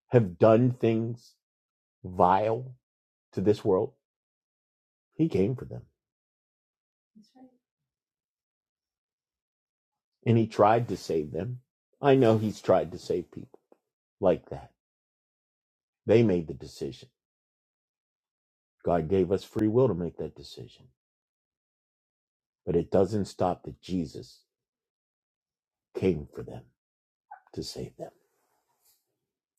S3: have done things vile to this world He came for them and he tried to save them. I know he's tried to save people like that. They made the decision. God gave us free will to make that decision. But it doesn't stop that Jesus came for them to save them.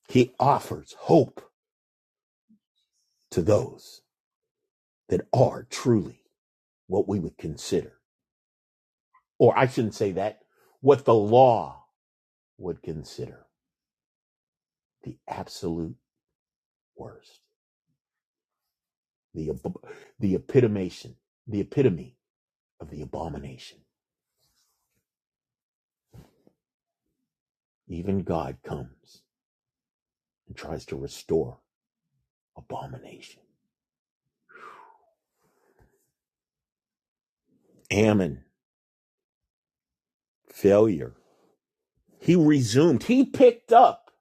S3: He offers hope to those that are truly what we would consider, or I shouldn't say that, what the law would consider the absolute worst, the, ab- the epitomation, the epitome of the abomination Even God comes and tries to restore abomination. Ammon, failure. He resumed, he picked up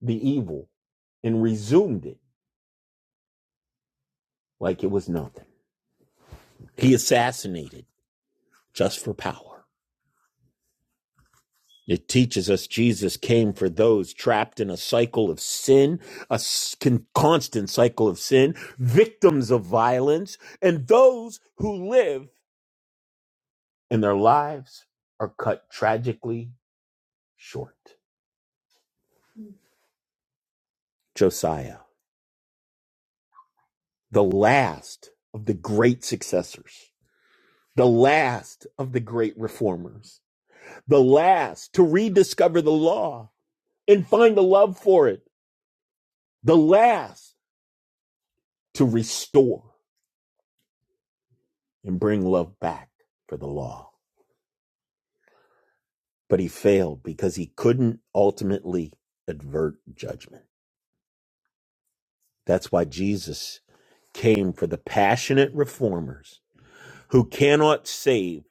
S3: the evil and resumed it like it was nothing. He assassinated just for power. It teaches us Jesus came for those trapped in a cycle of sin, a constant cycle of sin, victims of violence, and those who live and their lives are cut tragically short. Josiah. the last of the great successors, the last of the great reformers, the last to rediscover the law and find a love for it, the last to restore and bring love back for the law. But he failed because he couldn't ultimately avert judgment. That's why Jesus came for the passionate reformers who cannot save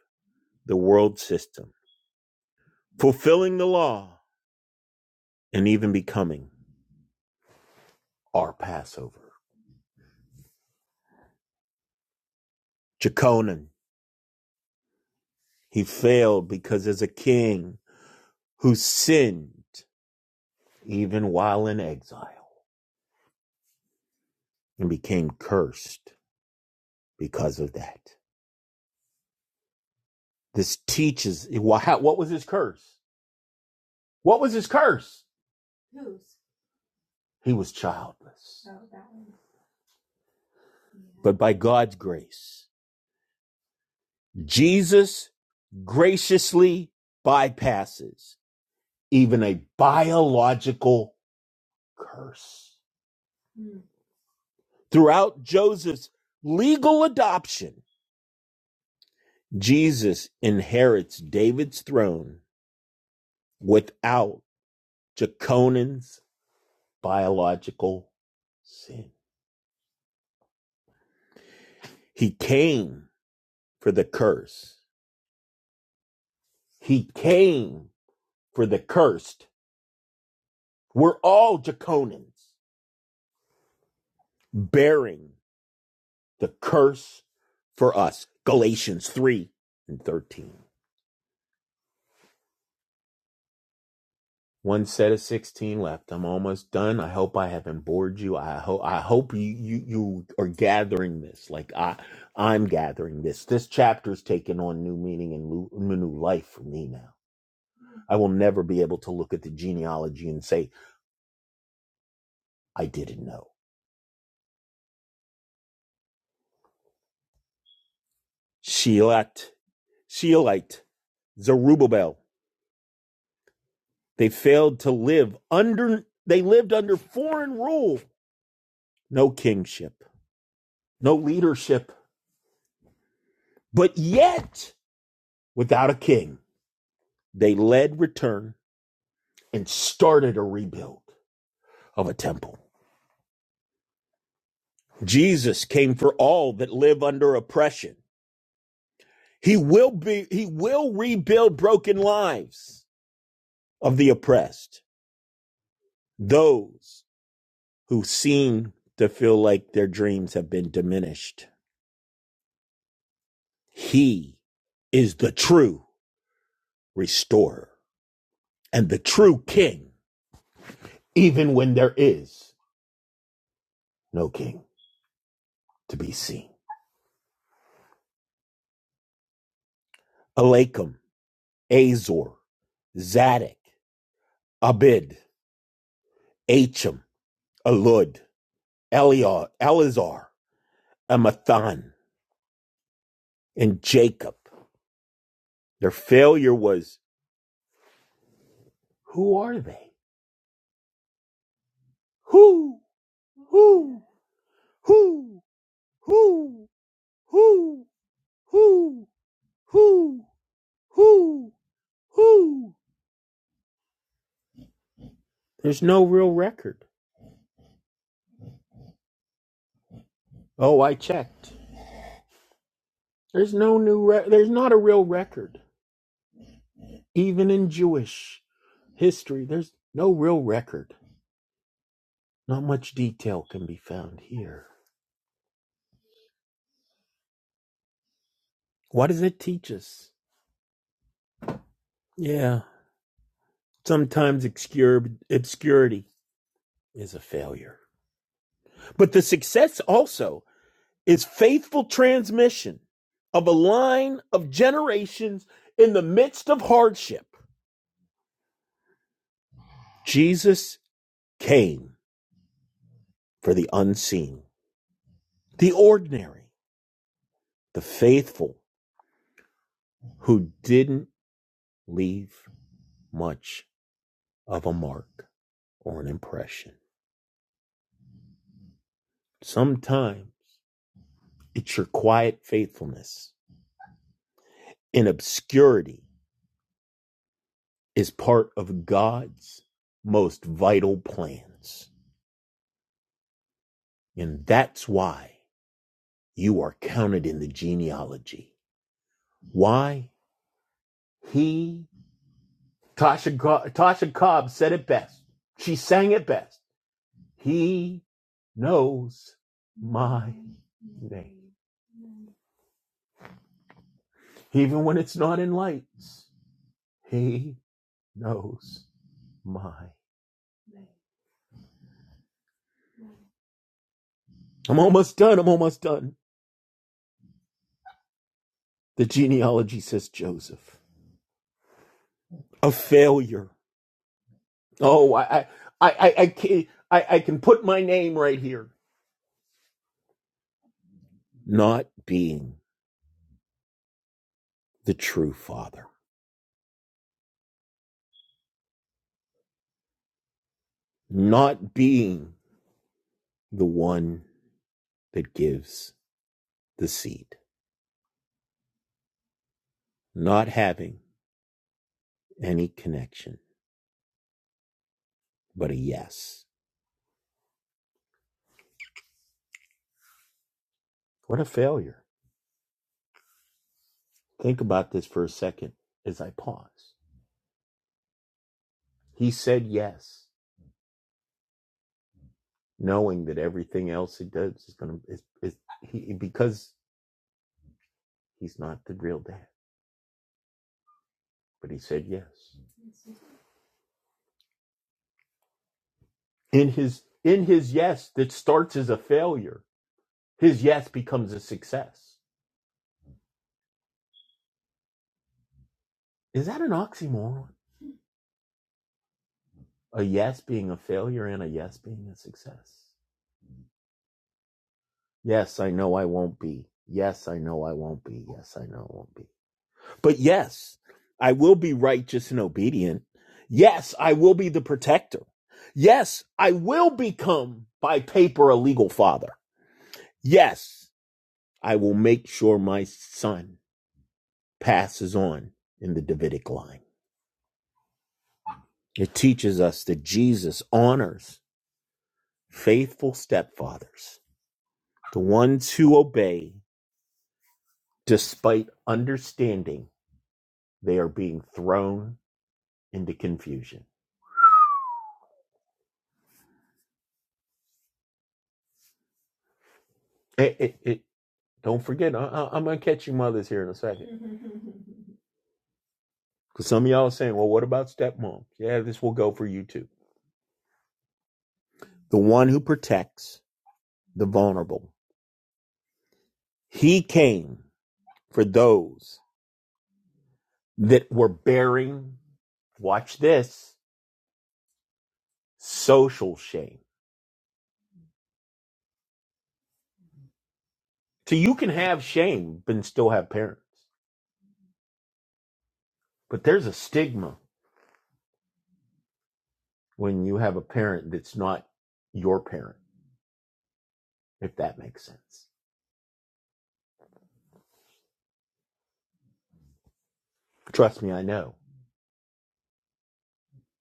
S3: the world system, fulfilling the law and even becoming our Passover. Jeconin, he failed because as a king who sinned even while in exile and became cursed because of that. This teaches what was his curse? What was his curse? He was childless. But by God's grace, Jesus graciously bypasses even a biological curse. Throughout Joseph's legal adoption, Jesus inherits David's throne without Jeconan's biological sin. He came for the curse. He came for the cursed. We're all Jeconans bearing the curse for us. Galatians 3 and 13. One set of 16 left. I'm almost done. I hope I haven't bored you. I hope I hope you, you you are gathering this. Like I I'm gathering this. This chapter's taken on new meaning and lu- new life for me now. I will never be able to look at the genealogy and say I didn't know. Sheolite, Sheolite, Zerubbabel. They failed to live under they lived under foreign rule. No kingship, no leadership, but yet without a king they led return and started a rebuild of a temple. Jesus came for all that live under oppression. He will be, he will rebuild broken lives of the oppressed, those who seem to feel like their dreams have been diminished. He is the true restorer and the true king, even when there is no king to be seen. Alakim, Azor, Zadok, Abid, Achim, Elud, Eliar, Elazar, and Mathan, and Jacob. Their failure was, who are they? Who, who, who, who, who, who, who, who, who? There's no real record. Oh, I checked. There's no new re- there's not a real record. Even in Jewish history, there's no real record. Not much detail can be found here. What does it teach us? Yeah, sometimes obscure, obscurity is a failure. But the success also is faithful transmission of a line of generations in the midst of hardship. Jesus came for the unseen, the ordinary, the faithful who didn't leave much of a mark or an impression. Sometimes it's your quiet faithfulness in obscurity is part of God's most vital plans. And that's why you are counted in the genealogy. Why? He, Tasha, Tasha Cobb said it best. She sang it best. He knows my name. Even when it's not in lights, he knows my. I'm almost done. I'm almost done. The genealogy says Joseph. A failure Oh, I, I, I, I, can, I I can put my name right here. Not being the true father, not being the one that gives the seed, not having any connection, but a yes. What a failure. Think about this for a second as I pause. He said yes, knowing that everything else he does is going to, is, is he, because he's not the real dad, but he said yes. in his in his yes that starts as a failure his yes becomes a success is that an oxymoron a yes being a failure and a yes being a success yes i know i won't be yes i know i won't be yes i know i won't be but yes i will be righteous and obedient yes i will be the protector yes i will become by paper a legal father yes i will make sure my son passes on in the davidic line It teaches us that Jesus honors faithful stepfathers, the ones who obey despite understanding they are being thrown into confusion. It, it, it, don't forget, I, I, I'm going to catch you mothers here in a second. Because some of y'all are saying, well, what about stepmom?" Yeah, this will go for you too. The one who protects the vulnerable. He came for those that were bearing, watch this, social shame So you can have shame but still have parents. But there's a stigma when you have a parent that's not your parent, if that makes sense. Trust me, I know.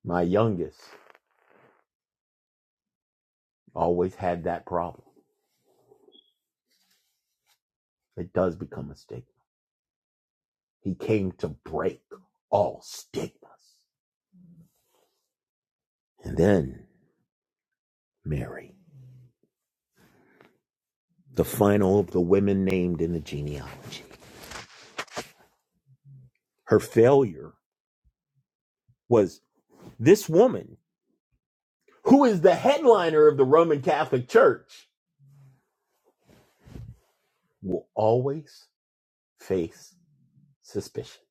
S3: My youngest always had that problem. It does become a stigma. He came to break all stigmas. And then Mary, the final of the women named in the genealogy. Her failure was this woman, who is the headliner of the Roman Catholic Church, will always Face suspicion.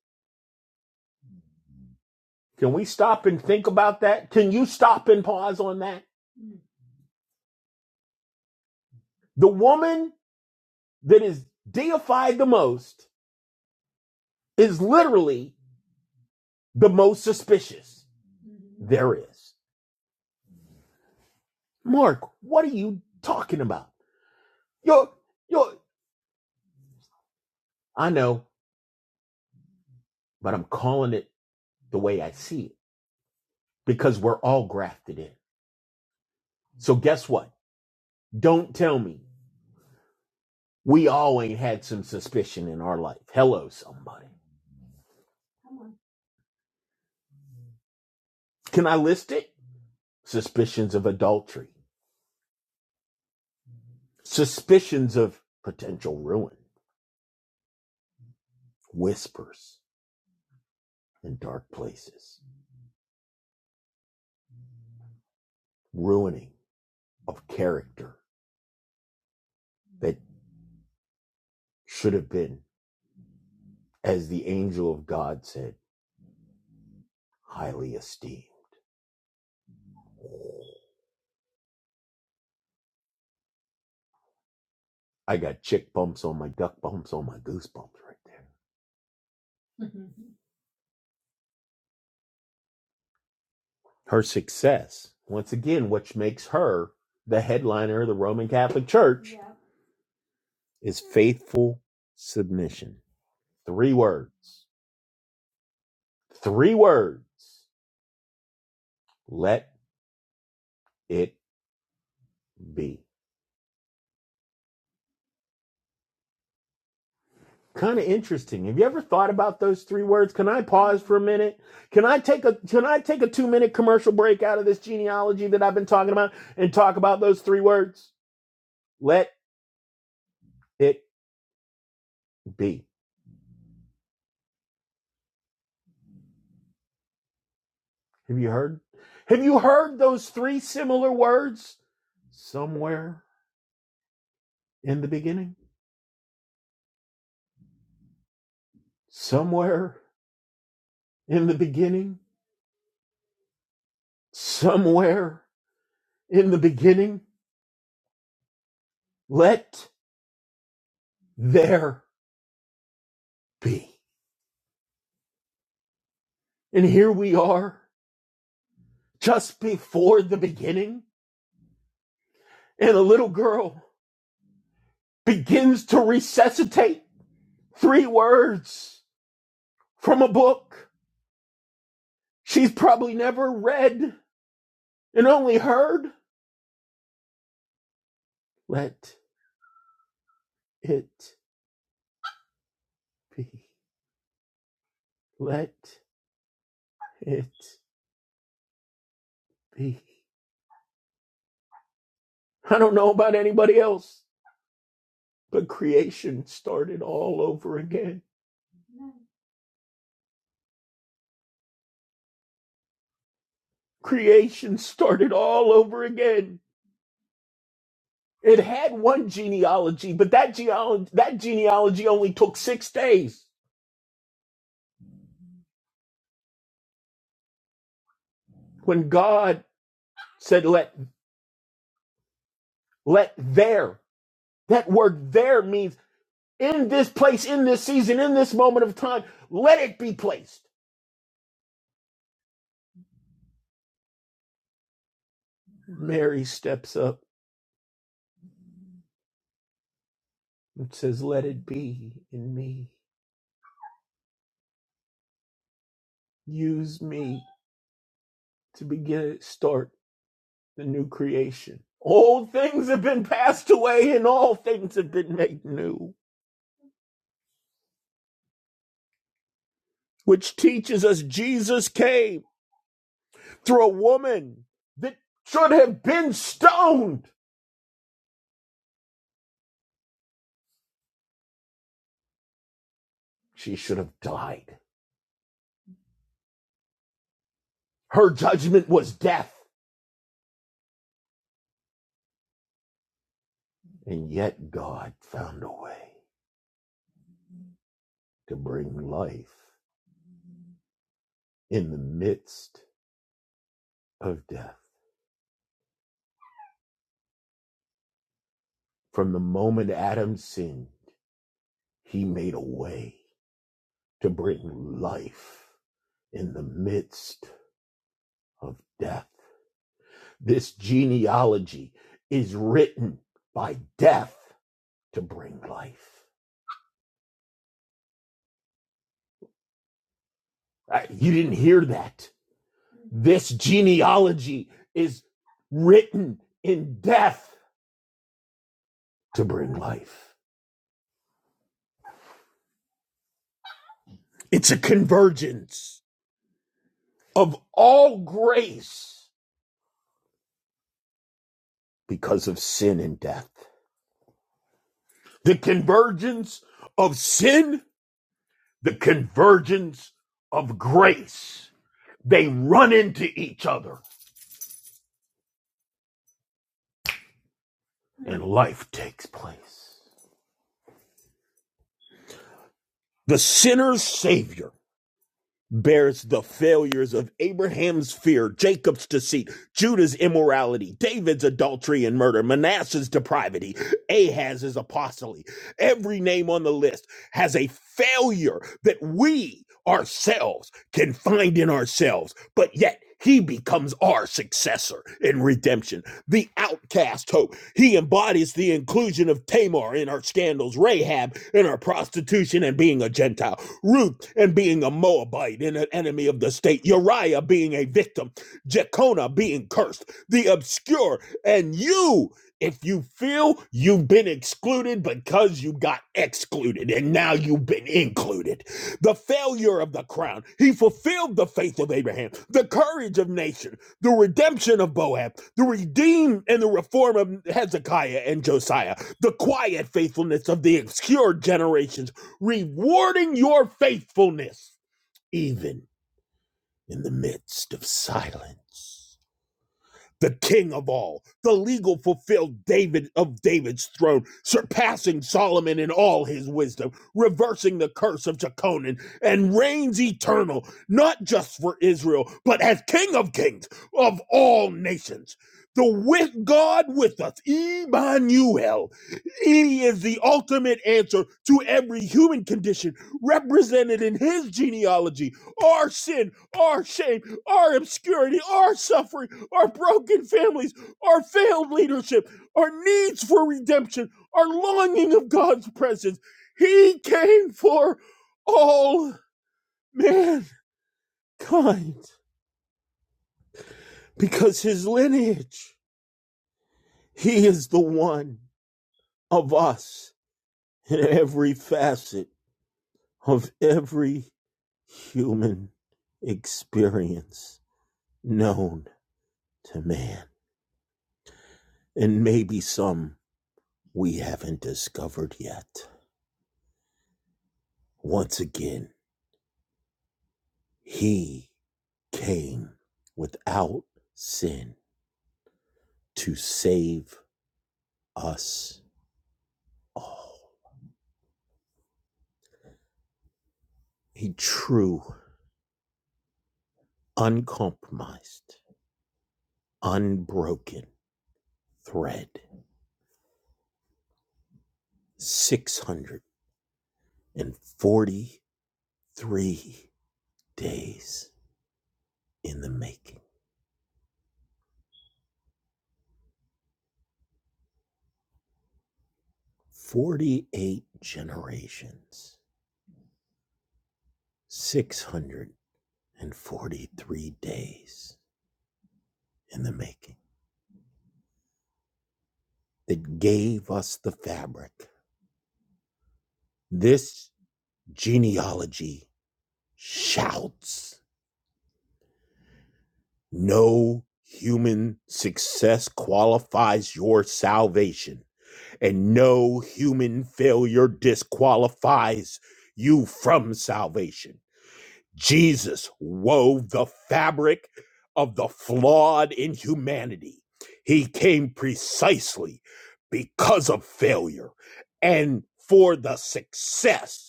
S3: Can we stop and think about that? Can you stop and pause on that? The woman that is deified the most is literally the most suspicious there is. Mark, what are you talking about? You're, you're, I know, but I'm calling it the way I see it because we're all grafted in. So guess what? Don't tell me we all ain't had some suspicion in our life. Hello, somebody. Can I list it? suspicions of adultery, suspicions of potential ruin, whispers in dark places, ruining of character that should have been, as the angel of God said, highly esteemed. I got chick bumps on my duck bumps on my goose bumps right there. Her success, once again, which makes her the headliner of the Roman Catholic Church, yeah. is faithful submission. Three words. Three words. Let it be. Kind of interesting. Have you ever thought about those three words? Can I pause for a minute? Can I take a can I take a 2-minute commercial break out of this genealogy that I've been talking about and talk about those three words? Let it be. Have you heard? Have you heard those three similar words somewhere in the beginning? Somewhere in the beginning? Somewhere in the beginning? Let there be. And here we are just before the beginning, and a little girl begins to resuscitate three words from a book she's probably never read and only heard. Let it be. Let it be. I don't know about anybody else, but creation started all over again. Creation started all over again. It had one genealogy, but that geology, that genealogy only took six days. when God said, let, let there, that word there means in this place, in this season, in this moment of time, let it be placed. Mary steps up and says, let it be in me. Use me to begin, start the new creation. Old things have been passed away and all things have been made new, which teaches us Jesus came through a woman that should have been stoned. She should have died Her judgment was death. And yet God found a way to bring life in the midst of death. From the moment Adam sinned, he made a way to bring life in the midst of death. This genealogy is written by death to bring life. Uh, You didn't hear that. This genealogy is written in death to bring life. It's a convergence of all grace because of sin and death. The convergence of sin, the convergence of grace. They run into each other and life takes place. The sinner's savior bears the failures of Abraham's fear, Jacob's deceit, Judah's immorality, David's adultery and murder, Manasseh's depravity, Ahaz's apostasy. Every name on the list has a failure that we ourselves can find in ourselves, but yet he becomes our successor in redemption. The outcast hope. He embodies the inclusion of Tamar in our scandals, Rahab in our prostitution and being a Gentile, Ruth and being a Moabite and an enemy of the state, Uriah being a victim, Jeconiah being cursed, the obscure, and you. If you feel you've been excluded because you got excluded and now you've been included, the failure of the crown, he fulfilled the faith of Abraham, the courage of nation, the redemption of Boab, the redeem and the reform of Hezekiah and Josiah, the quiet faithfulness of the obscure generations, rewarding your faithfulness even in the midst of silence the king of all. The legal fulfilled David of David's throne, surpassing Solomon in all his wisdom, reversing the curse of Jeconan, and reigns eternal, not just for Israel, but as king of kings of all nations. The with God with us, Emmanuel. He is the ultimate answer to every human condition represented in his genealogy. Our sin, our shame, our obscurity, our suffering, our broken families, our failed leadership, our needs for redemption, our longing of God's presence. He came for all mankind because his lineage, he is the one of us in every facet of every human experience known to man, and maybe some we haven't discovered yet. Once again, He came without sin to save us all. A true, uncompromised, unbroken thread. 643 days in the making, 48 generations, 643 days in the making. that gave us the fabric. This genealogy shouts no human success qualifies your salvation, and no human failure disqualifies you from salvation. Jesus wove the fabric of the flawed in humanity. He came precisely because of failure and for the success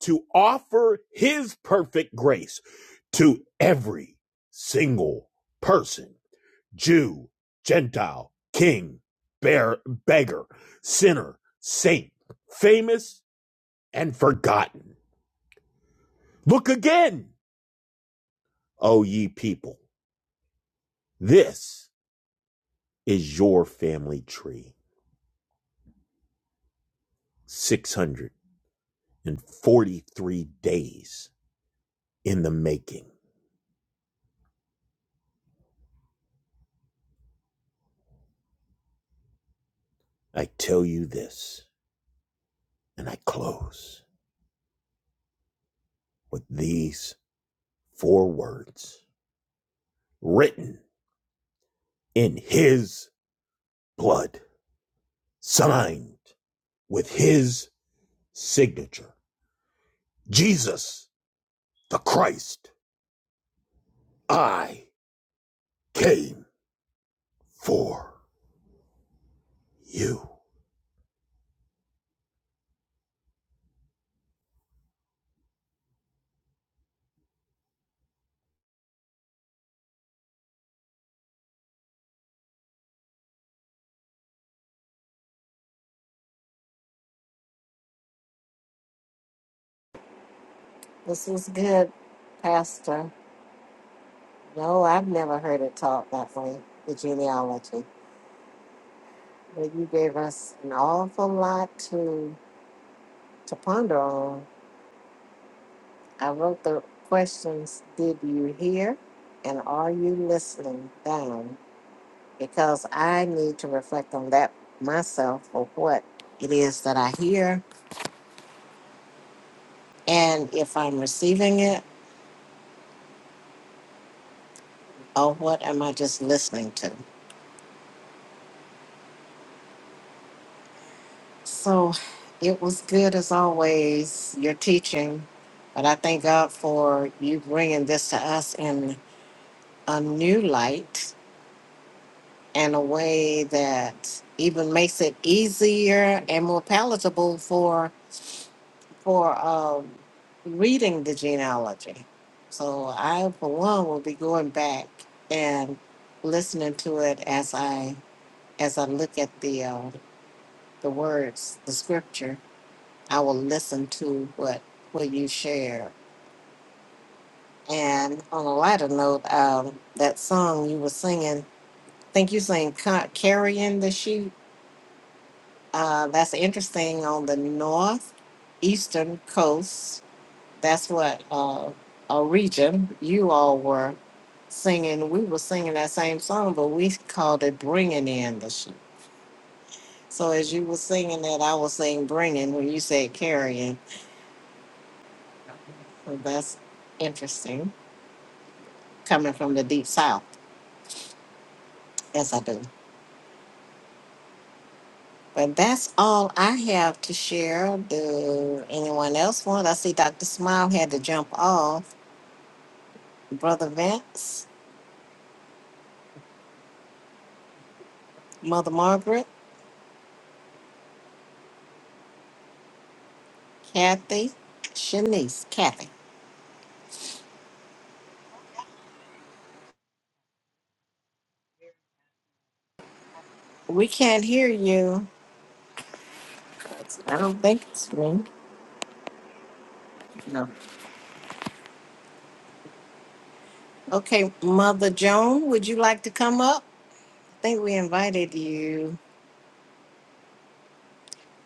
S3: to offer his perfect grace to every single person Jew, Gentile, king, bear, beggar, sinner, saint, famous, and forgotten. Look again, O ye people. This is your family tree. 643 days in the making. I tell you this, and I close with these four words. written in his blood, signed with his signature. Jesus the Christ, I came for you.
S1: This was good, Pastor. No, I've never heard it taught that way, the genealogy. But you gave us an awful lot to to ponder on I wrote the questions Did you hear? And are you listening down? Because I need to reflect on that myself for what it is that I hear and if I'm receiving it or what am I just listening to. So it was good as always, your teaching. But I thank God for you bringing this to us in a new light in a way that even makes it easier and more palatable for for um, reading the genealogy. So I, for one, will be going back and listening to it as I as I look at the uh, the words, the scripture. I will listen to what what you share. And on a lighter note, um, that song you were singing, I think you sang "Ca- "Carrying the Sheep." Uh, that's interesting on the northeastern coast. That's what uh, a region you all were singing. We were singing that same song, but we called it "Bringing in the Sheep." So as you were singing that, I was saying "bringing" when you said "carrying." So that's interesting coming from the deep south, as I do. But that's all I have to share. Do anyone else want? I see Dr. Smile had to jump off. Brother Vince. Mother Margaret, Kathy, Shanice, Kathy. We can't hear you. I don't think it's me. No. Okay, Mother Joan, would you like to come up? I think we invited you.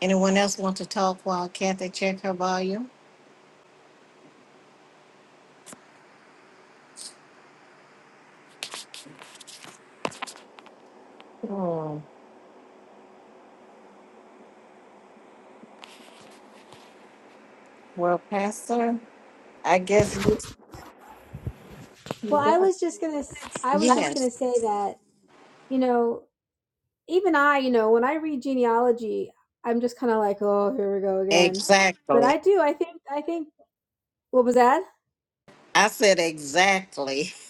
S1: Anyone else want to talk while Kathy check her volume? Hmm. Well, Pastor, I guess you- yes, exactly. I said exactly.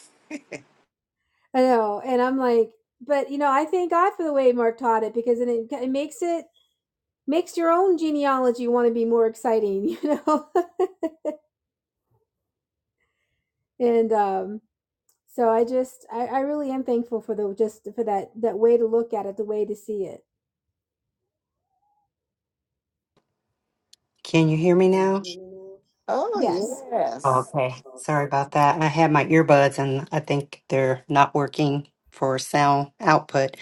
S4: Can you hear me now?
S1: Oh
S4: Oh,
S1: yes,
S4: okay. Sorry about that. I had my earbuds and I think they're not working for sound output,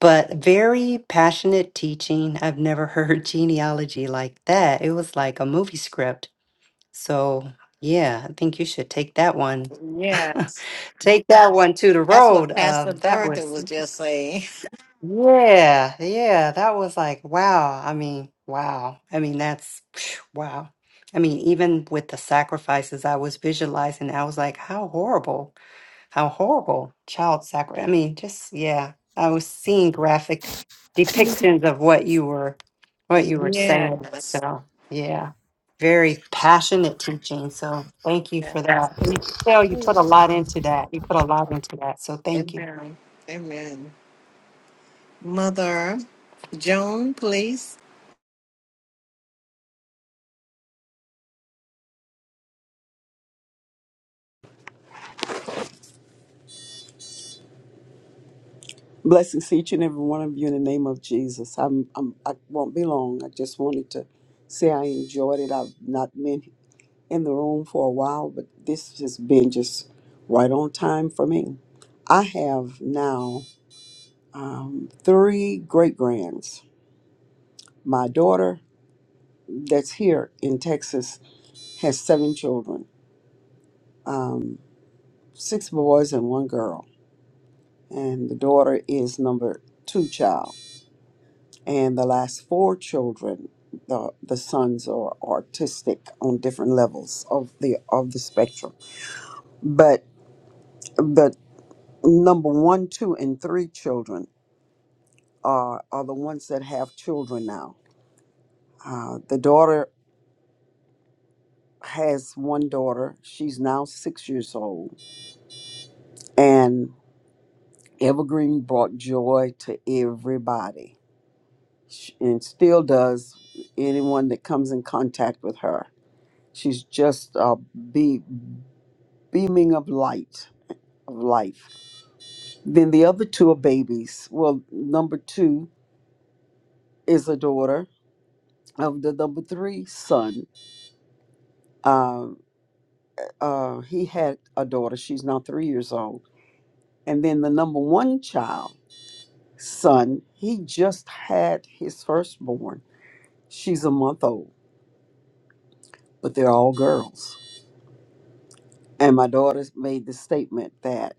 S4: but very passionate teaching. I've never heard genealogy like that. It was like a movie script. So, yeah, I think you should take that one.
S1: yes.
S4: take that one to the
S1: That's what
S4: road. Um,
S1: Pastor
S4: that
S1: Dorothy
S4: was
S1: was just saying.
S4: Yeah, yeah, that was like, wow. I mean, wow. I mean, that's phew, wow. I mean, even with the sacrifices I was visualizing, I was like, how horrible, how horrible child sacrifice. I mean, just yeah, I was seeing graphic depictions of what you were what you were saying.
S1: Yes.
S4: So, yeah. Very passionate teaching. So, thank you
S1: yes.
S4: for that. And you can tell you put a lot into that. You put a lot into that. So, thank you.
S1: Amen. Amen. Mother Joan, please.
S5: Blessings to each and every one of you in the name of Jesus. I'm, I'm I won't be long. I just wanted to say I enjoyed it. I've not been in the room for a while, but this has been just right on time for me. I have now um, three great grands. My daughter, that's here in Texas, has seven children um, six boys and one girl. And the daughter is number two child. and the last four children the the sons are artistic on different levels of the of the spectrum but the number one two and three children are are the ones that have children now uh, the daughter has one daughter she's now six years old and evergreen brought joy to everybody Sh- and still does anyone that comes in contact with her she's just a bee beaming of light of life. Then the other two are babies. Well, number two is a daughter of the number three son. Uh, uh, he had a daughter. She's now three years old. And then the number one child son, he just had his firstborn. She's a month old, but they're all girls. And my daughter's made the statement that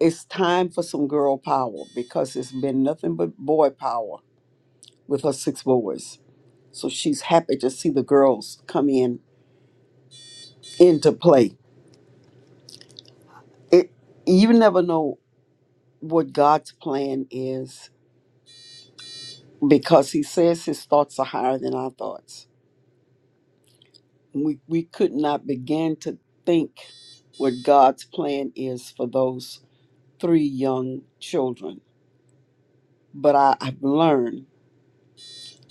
S5: it's time for some girl power because it's been nothing but boy power with her six boys. So she's happy to see the girls come in into play. It you never know what God's plan is because he says his thoughts are higher than our thoughts. We we could not begin to think what God's plan is for those three young children. But I, I've learned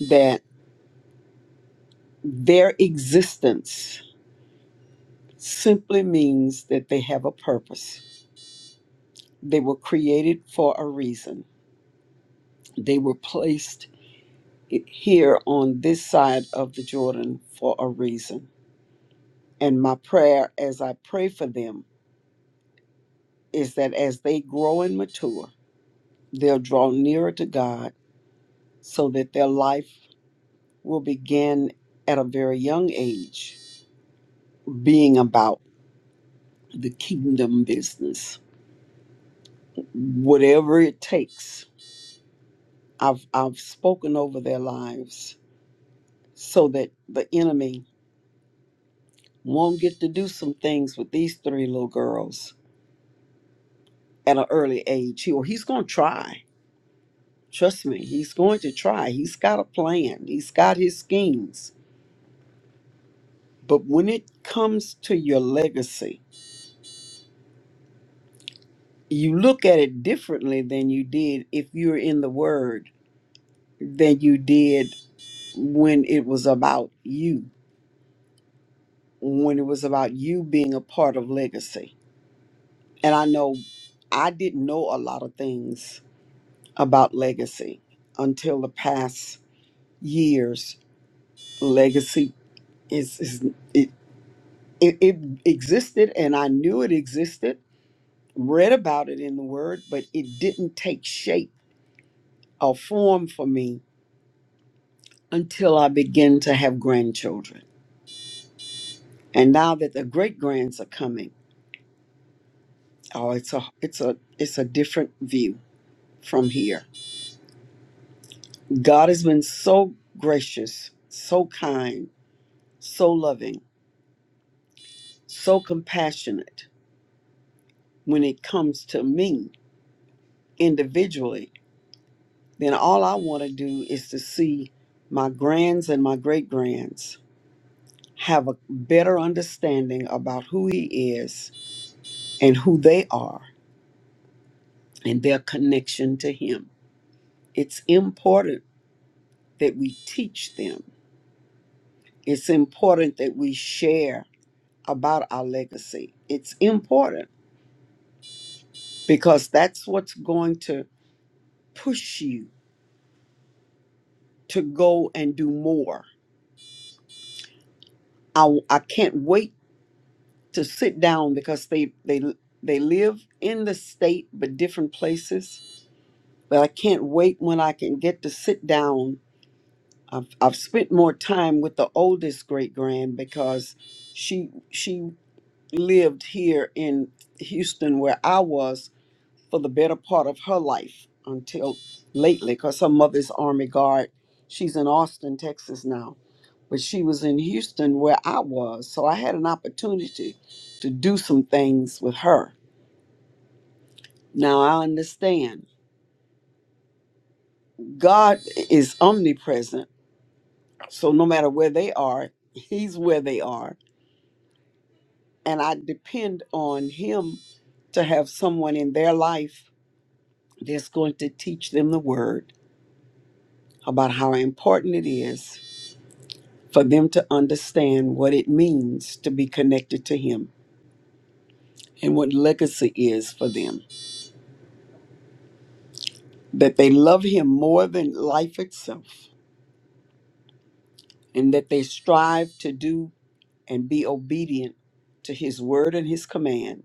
S5: that their existence simply means that they have a purpose. They were created for a reason They were placed here on this side of the Jordan for a reason. And my prayer as I pray for them is that as they grow and mature, they'll draw nearer to God so that their life will begin at a very young age being about the kingdom business. Whatever it takes, I've, I've spoken over their lives so that the enemy won't get to do some things with these three little girls at an early age he, or he's going to try trust me he's going to try he's got a plan he's got his schemes but when it comes to your legacy you look at it differently than you did if you're in the word than you did when it was about you when it was about you being a part of legacy and i know i didn't know a lot of things about legacy until the past years legacy is, is it, it existed and I knew it existed, read about it in the Word, but it didn't take shape or form for me until I began to have grandchildren. And now that the great grands are coming, oh, it's a it's a it's a different view from here. God has been so gracious, so kind, so loving, so compassionate when it comes to me individually then all I want to do is to see my grands and my great grands have a better understanding about who he is and who they are and their connection to him. It's important that we teach them, it's important that we share about our legacy. It's important because that's what's going to push you to go and do more. I, I can't wait to sit down because they they they live in the state but different places. But I can't wait when I can get to sit down. I've I've spent more time with the oldest great grand because she she lived here in Houston where I was for the better part of her life until lately because her mother's Army Guard. She's in Austin, Texas now, but she was in Houston where I was. So I had an opportunity to do some things with her. Now I understand God is omnipresent. So no matter where they are, He's where they are. And I depend on Him to have someone in their life that's going to teach them the word about how important it is for them to understand what it means to be connected to Him and what legacy is for them. That they love Him more than life itself, and that they strive to do and be obedient to His word and His command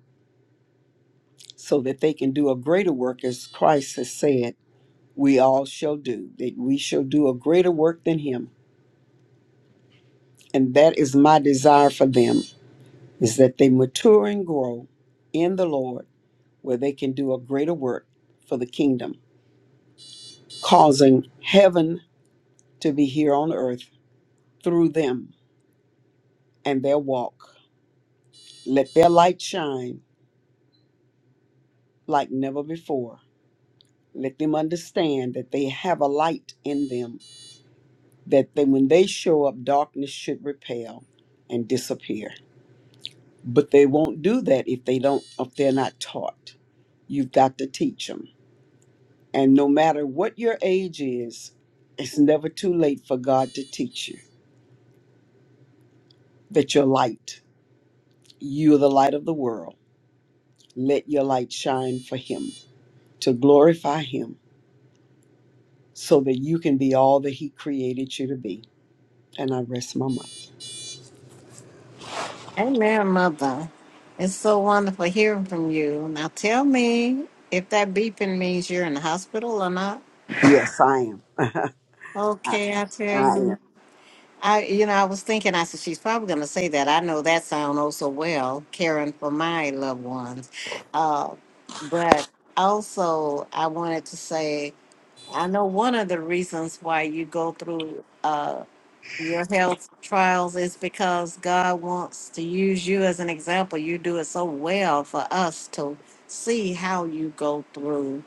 S5: so that they can do a greater work as Christ has said, we all shall do, that we shall do a greater work than Him. And that is my desire for them, is that they mature and grow in the Lord where they can do a greater work for the kingdom causing heaven to be here on earth through them and their walk. Let their light shine like never before. Let them understand that they have a light in them, that they, when they show up, darkness should repel and disappear. But they won't do that if they don't, if they're not taught. You've got to teach them. And no matter what your age is, it's never too late for God to teach you that you're light, you're the light of the world Let your light shine for him to glorify him so that you can be all that he created you to be. And I rest my mind.
S1: Amen, Mother. It's so wonderful hearing from you. Now tell me if that beeping means you're in the hospital or not.
S5: Yes, I am. I,
S1: Okay, I
S5: I
S1: tell
S5: am.
S1: you. I, you know, I was thinking, I said, she's probably going to say that. I know that sound oh so well, caring for my loved ones. Uh, but also, I wanted to say I know one of the reasons why you go through uh, your health trials is because God wants to use you as an example. You do it so well for us to see how you go through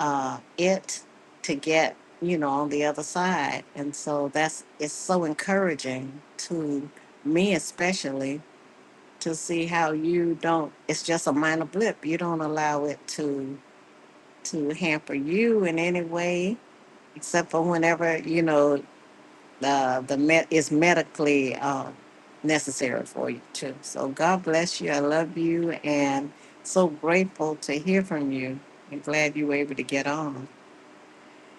S1: uh, it to get, you know, on the other side. And so that's it's so encouraging to me, especially to see how you don't. It's just a minor blip. You don't allow it to to hamper you in any way except for whenever you know the the med is medically um, necessary for you too. So God bless you. I love you, and so grateful to hear from you. I'm glad you were able to get on,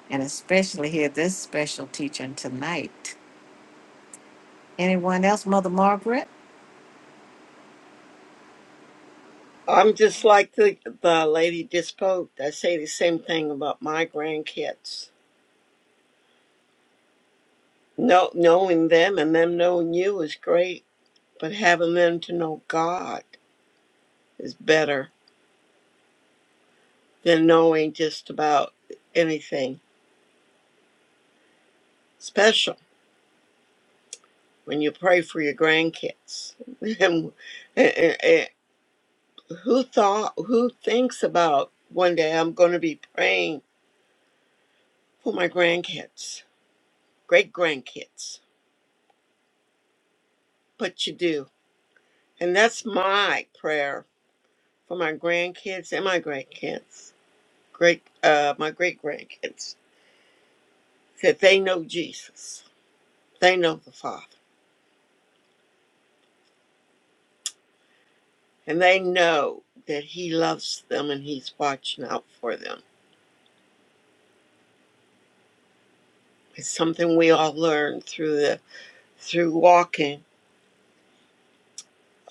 S1: and especially hear this special teaching tonight. Anyone else, Mother Margaret?
S6: I'm just like the, the lady just spoke. I say the same thing about my grandkids. No, knowing them and them knowing you is great, but having them to know God is better than knowing just about anything special. When you pray for your grandkids, and, and, and who thought, who thinks about one day I'm going to be praying for my grandkids, great grandkids? But you do, and that's my prayer for my grandkids and my grandkids, great uh, my great grandkids, that they know Jesus, they know the Father, and they know that He loves them and He's watching out for them. It's something we all learn through the through walking,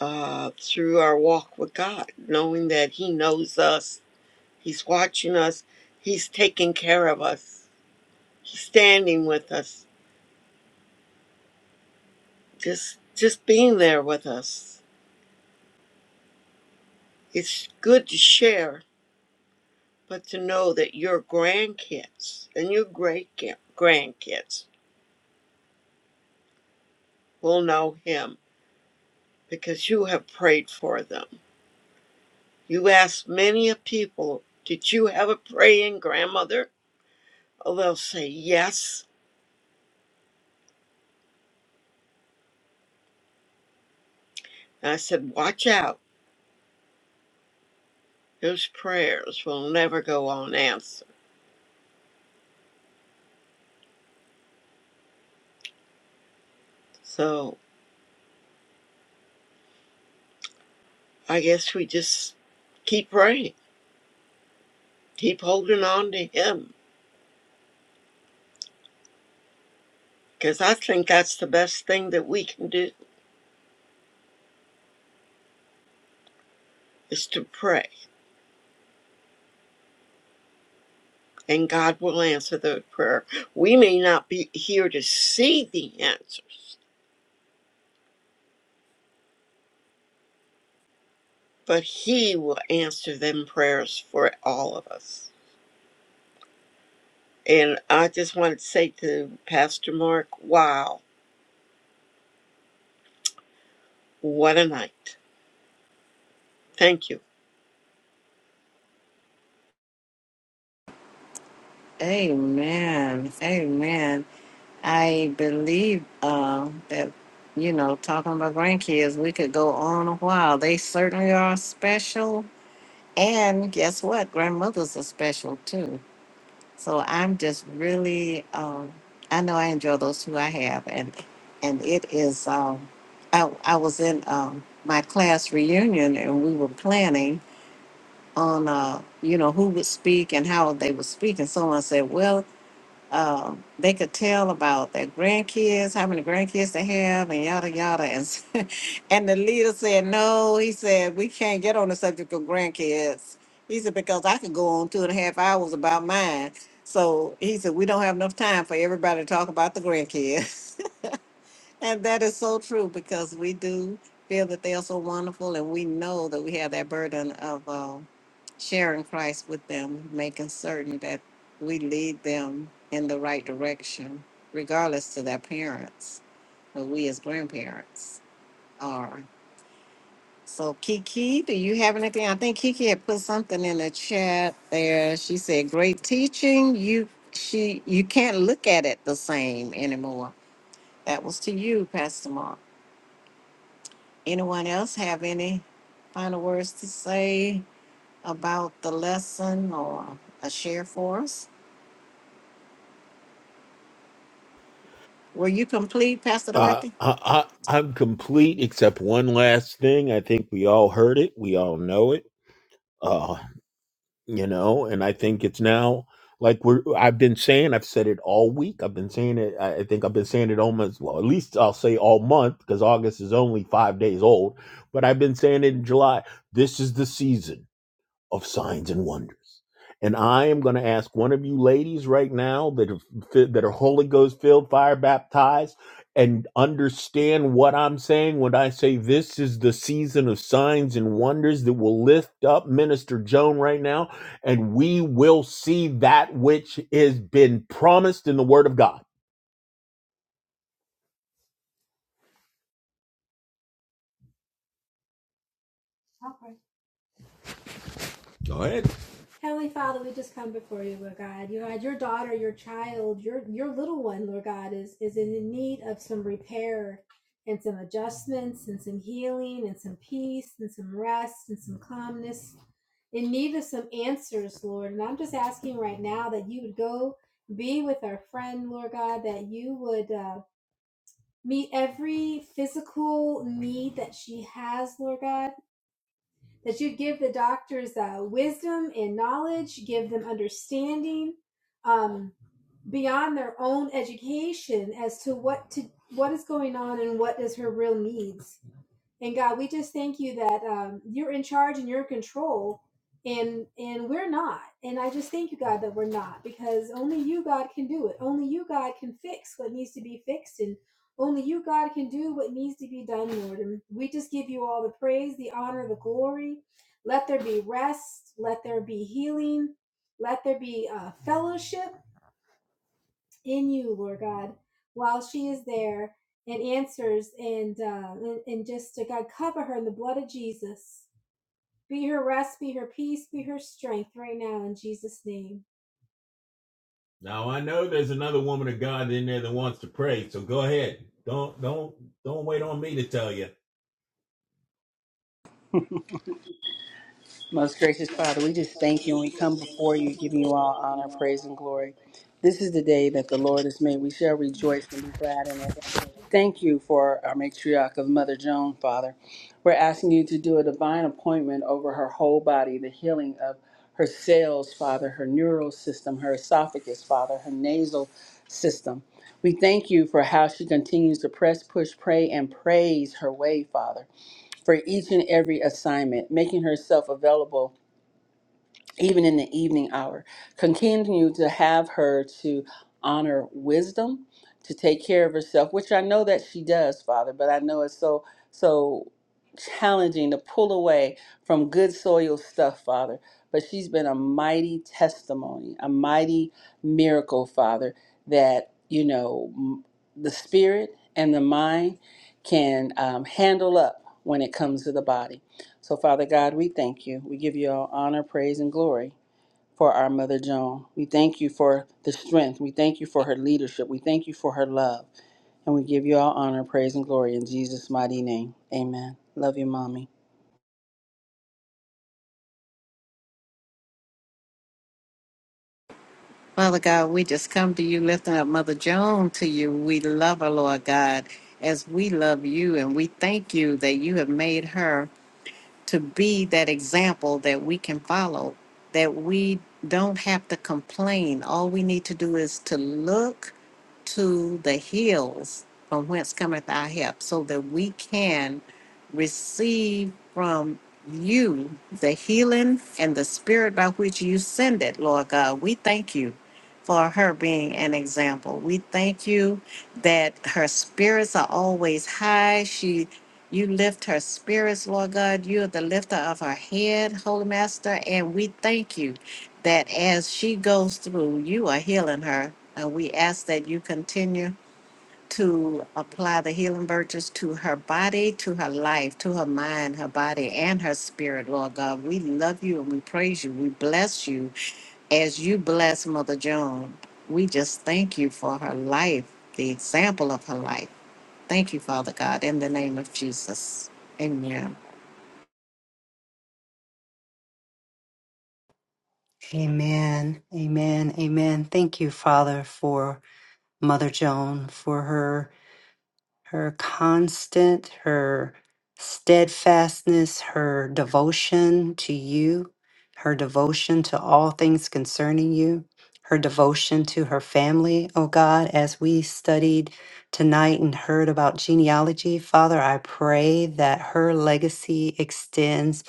S6: uh, through our walk with God, knowing that He knows us, He's watching us, He's taking care of us, He's standing with us, just just being there with us. It's good to share but to know that your grandkids and your great grandkids will know him because you have prayed for them. You ask many a people, Did you have a praying grandmother? Oh, they'll say yes. And I said, Watch out. Those prayers will never go unanswered. So I guess we just keep praying, keep holding on to him because I think that's the best thing that we can do is to pray and God will answer the prayer. We may not be here to see the answers, but He will answer them prayers for all of us. And I just wanted to say to Pastor Mark, wow, what a night. Thank you.
S1: Amen. Amen. I believe uh, that, you know, talking about grandkids, we could go on a while. They certainly are special And guess what? Grandmothers are special too. So I'm just really, um, I know I enjoy those two I have, and and it is. Um, I I was in um, my class reunion, and we were planning on, uh, you know, who would speak and how they would speak, and someone said, "Well." um, they could tell about their grandkids, how many grandkids they have, and yada yada. And s- and the leader said, "No," he said, "We can't get on the subject of grandkids." He said because I could go on two and a half hours about mine. So he said we don't have enough time for everybody to talk about the grandkids. And that is so true because we do feel that they are so wonderful, and we know that we have that burden of uh, sharing Christ with them, making certain that we lead them in the right direction, regardless to their parents, but we as grandparents are. So, Kiki, do you have anything? I think Kiki had put something in the chat there. She said, "Great teaching. You she you can't look at it the same anymore." That was to you, Pastor Mark. Anyone else have any final words to say about the lesson or a share for us? Were you complete, Pastor
S3: Uh,
S1: Dorothy?
S3: I, I, I'm complete except one last thing. I think we all heard it. We all know it. Uh, you know and i think it's now like we're i've been saying i've said it all week i've been saying it i I think i've been saying it almost well at least i'll say all month because august is only five days old but i've been saying it in july this is the season of signs and wonders. And I am going to ask one of you ladies right now that are, that are Holy Ghost filled, fire baptized, and understand what I'm saying when I say this is the season of signs and wonders that will lift up Minister Joan right now, and we will see that which has been promised in the Word of God. Go ahead. Now I know there's another woman of God in there that wants to pray, so go ahead. Don't don't don't wait on me to tell you.
S7: Most gracious Father, we just thank you and we come before you, giving you all honor, praise, and glory. This is the day that the Lord has made. We shall rejoice and be glad in it. Thank you for our matriarch of Mother Joan, Father. We're asking you to do a divine appointment over her whole body, the healing of her cells, Father, her neural system, her esophagus, Father, her nasal system. We thank you for how she continues to press, push, pray, and praise her way, Father, for each and every assignment, making herself available even in the evening hour. Continue to have her to honor wisdom, to take care of herself, which I know that she does, Father, but I know it's so, so challenging to pull away from good soil stuff, Father. But she's been a mighty testimony, a mighty miracle, Father, that, you know, m- the spirit and the mind can um, handle up when it comes to the body. So, Father God, we thank you. We give you all honor, praise, and glory for our Mother Joan. We thank you for the strength. We thank you for her leadership. We thank you for her love. And we give you all honor, praise, and glory in Jesus' mighty name. Amen. Love you, Mommy.
S1: Father God, we just come to you, lifting up Mother Joan to you. We love her, Lord God, as we love you, and we thank you that you have made her. to be that example that we can follow, that we don't have to complain. All we need to do is to look to the hills from whence cometh our help, so that we can receive from you the healing and the spirit by which you send it, Lord God. We thank you for her being an example. We thank you that her spirits are always high. She you lift her spirits, Lord God. You are the lifter of her head, Holy Master. And we thank you that as she goes through, you are healing her. And we ask that you continue to apply the healing virtues to her body, to her life, to her mind, her body, and her spirit, Lord God. We love you and we praise you. We bless you as you bless Mother Joan. We just thank you for her life, the example of her life. Thank you, Father God, in the name of Jesus. Amen.
S4: Amen. Amen. Amen. Thank you, Father, for Mother Joan, for her her constant, her steadfastness, her devotion to you, her devotion to all things concerning you, her devotion to her family, oh God, as we studied tonight and heard about genealogy, Father, I pray that her legacy extends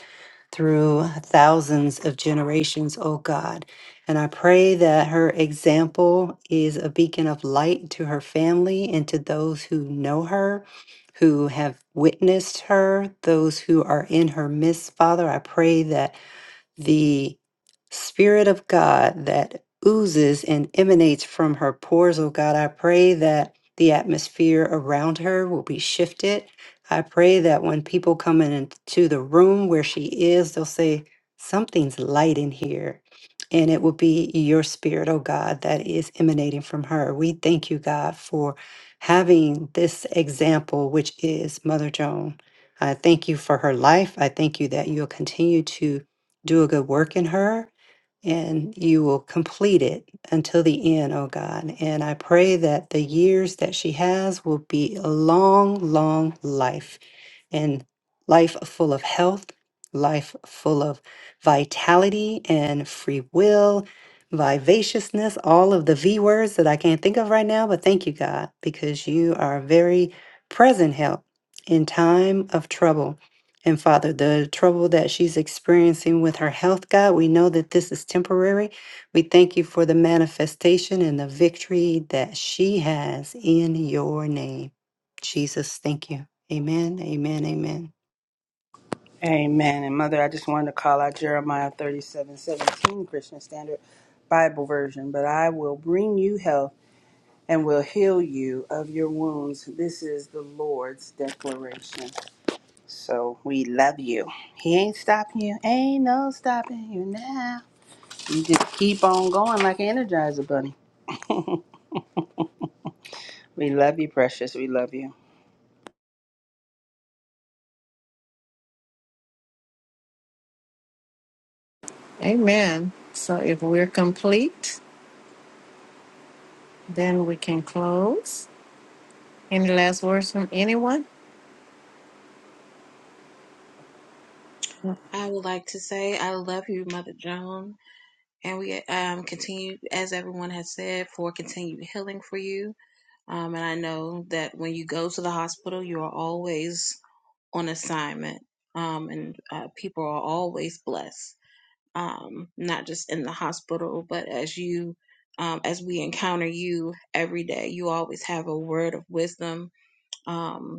S4: through thousands of generations, oh God. And I pray that her example is a beacon of light to her family and to those who know her, who have witnessed her, those who are in her midst, Father. I pray that the Spirit of God that oozes and emanates from her pores. Oh God, I pray that the atmosphere around her will be shifted. I pray that when people come in- into the room where she is, they'll say, Something's light in here. And it will be your spirit, oh God, that is emanating from her. We thank you, God, for having this example, which is Mother Joan. I thank you for her life. I thank you that you'll continue to do a good work in her and you will complete it until the end, oh God. And I pray that the years that she has will be a long, long life and life full of health, life full of vitality and free will, vivaciousness, all of the V words that I can't think of right now. But thank you, God, because you are a very present help in time of trouble. And Father, the trouble that she's experiencing with her health, God, we know that this is temporary. We thank you for the manifestation and the victory that she has in your name. Jesus, thank you. Amen, amen, amen.
S7: Amen. And Mother, I just wanted to call out Jeremiah thirty-seven seventeen Christian Standard Bible Version. But I will bring you health and will heal you of your wounds. This is the Lord's declaration. So we love you. He ain't stopping you. Ain't no stopping you now. You just keep on going like an Energizer bunny. We love you, precious. We love you.
S1: Amen. So if we're complete, then we can close. Any last words from anyone?
S8: I would like to say I love you, Mother Joan, and we um, continue, as everyone has said, for continued healing for you. Um, and I know that when you go to the hospital, you are always on assignment, um, and uh, people are always blessed, um, not just in the hospital, but as you, um, as we encounter you every day, you always have a word of wisdom. Um,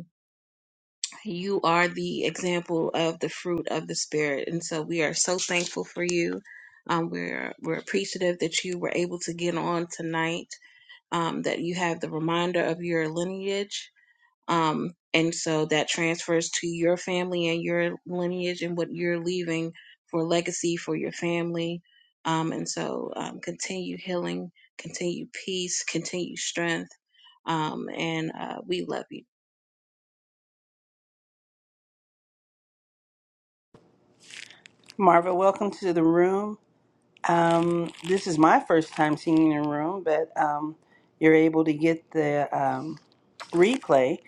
S8: you are the example of the fruit of the Spirit. And so we are so thankful for you. Um, we're, we're appreciative that you were able to get on tonight, um, that you have the reminder of your lineage. Um, and so that transfers to your family and your lineage and what you're leaving for legacy for your family. Um, and so um, continue healing, continue peace, continue strength. Um, and uh, we love you.
S7: Marva, welcome to the room. Um, this is my first time seeing your room, but um, you're able to get the um, replay,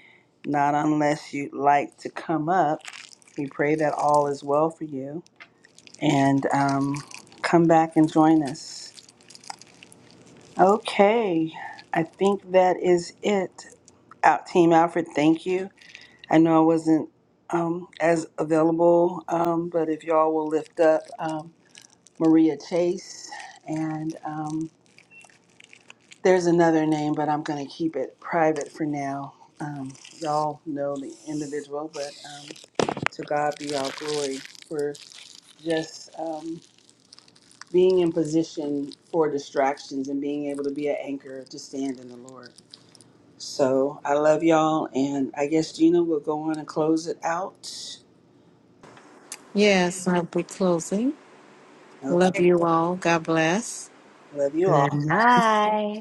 S7: not unless you'd like to come up. We pray that all is well for you and um, come back and join us. Okay, I think that is it. Out Team Alfred, thank you. I know I wasn't um, as available, um, but if y'all will lift up um, Maria Chase, and um, there's another name, but I'm going to keep it private for now. Um, y'all know the individual, but um, to God be all glory for just um, being in position for distractions and being able to be an anchor to stand in the Lord. So I love y'all. And I guess Gina will go on and close it out.
S1: Yes, I'll be closing. Love
S7: Okay.
S1: you all. God bless.
S7: Love you
S4: Good
S7: all.
S4: night.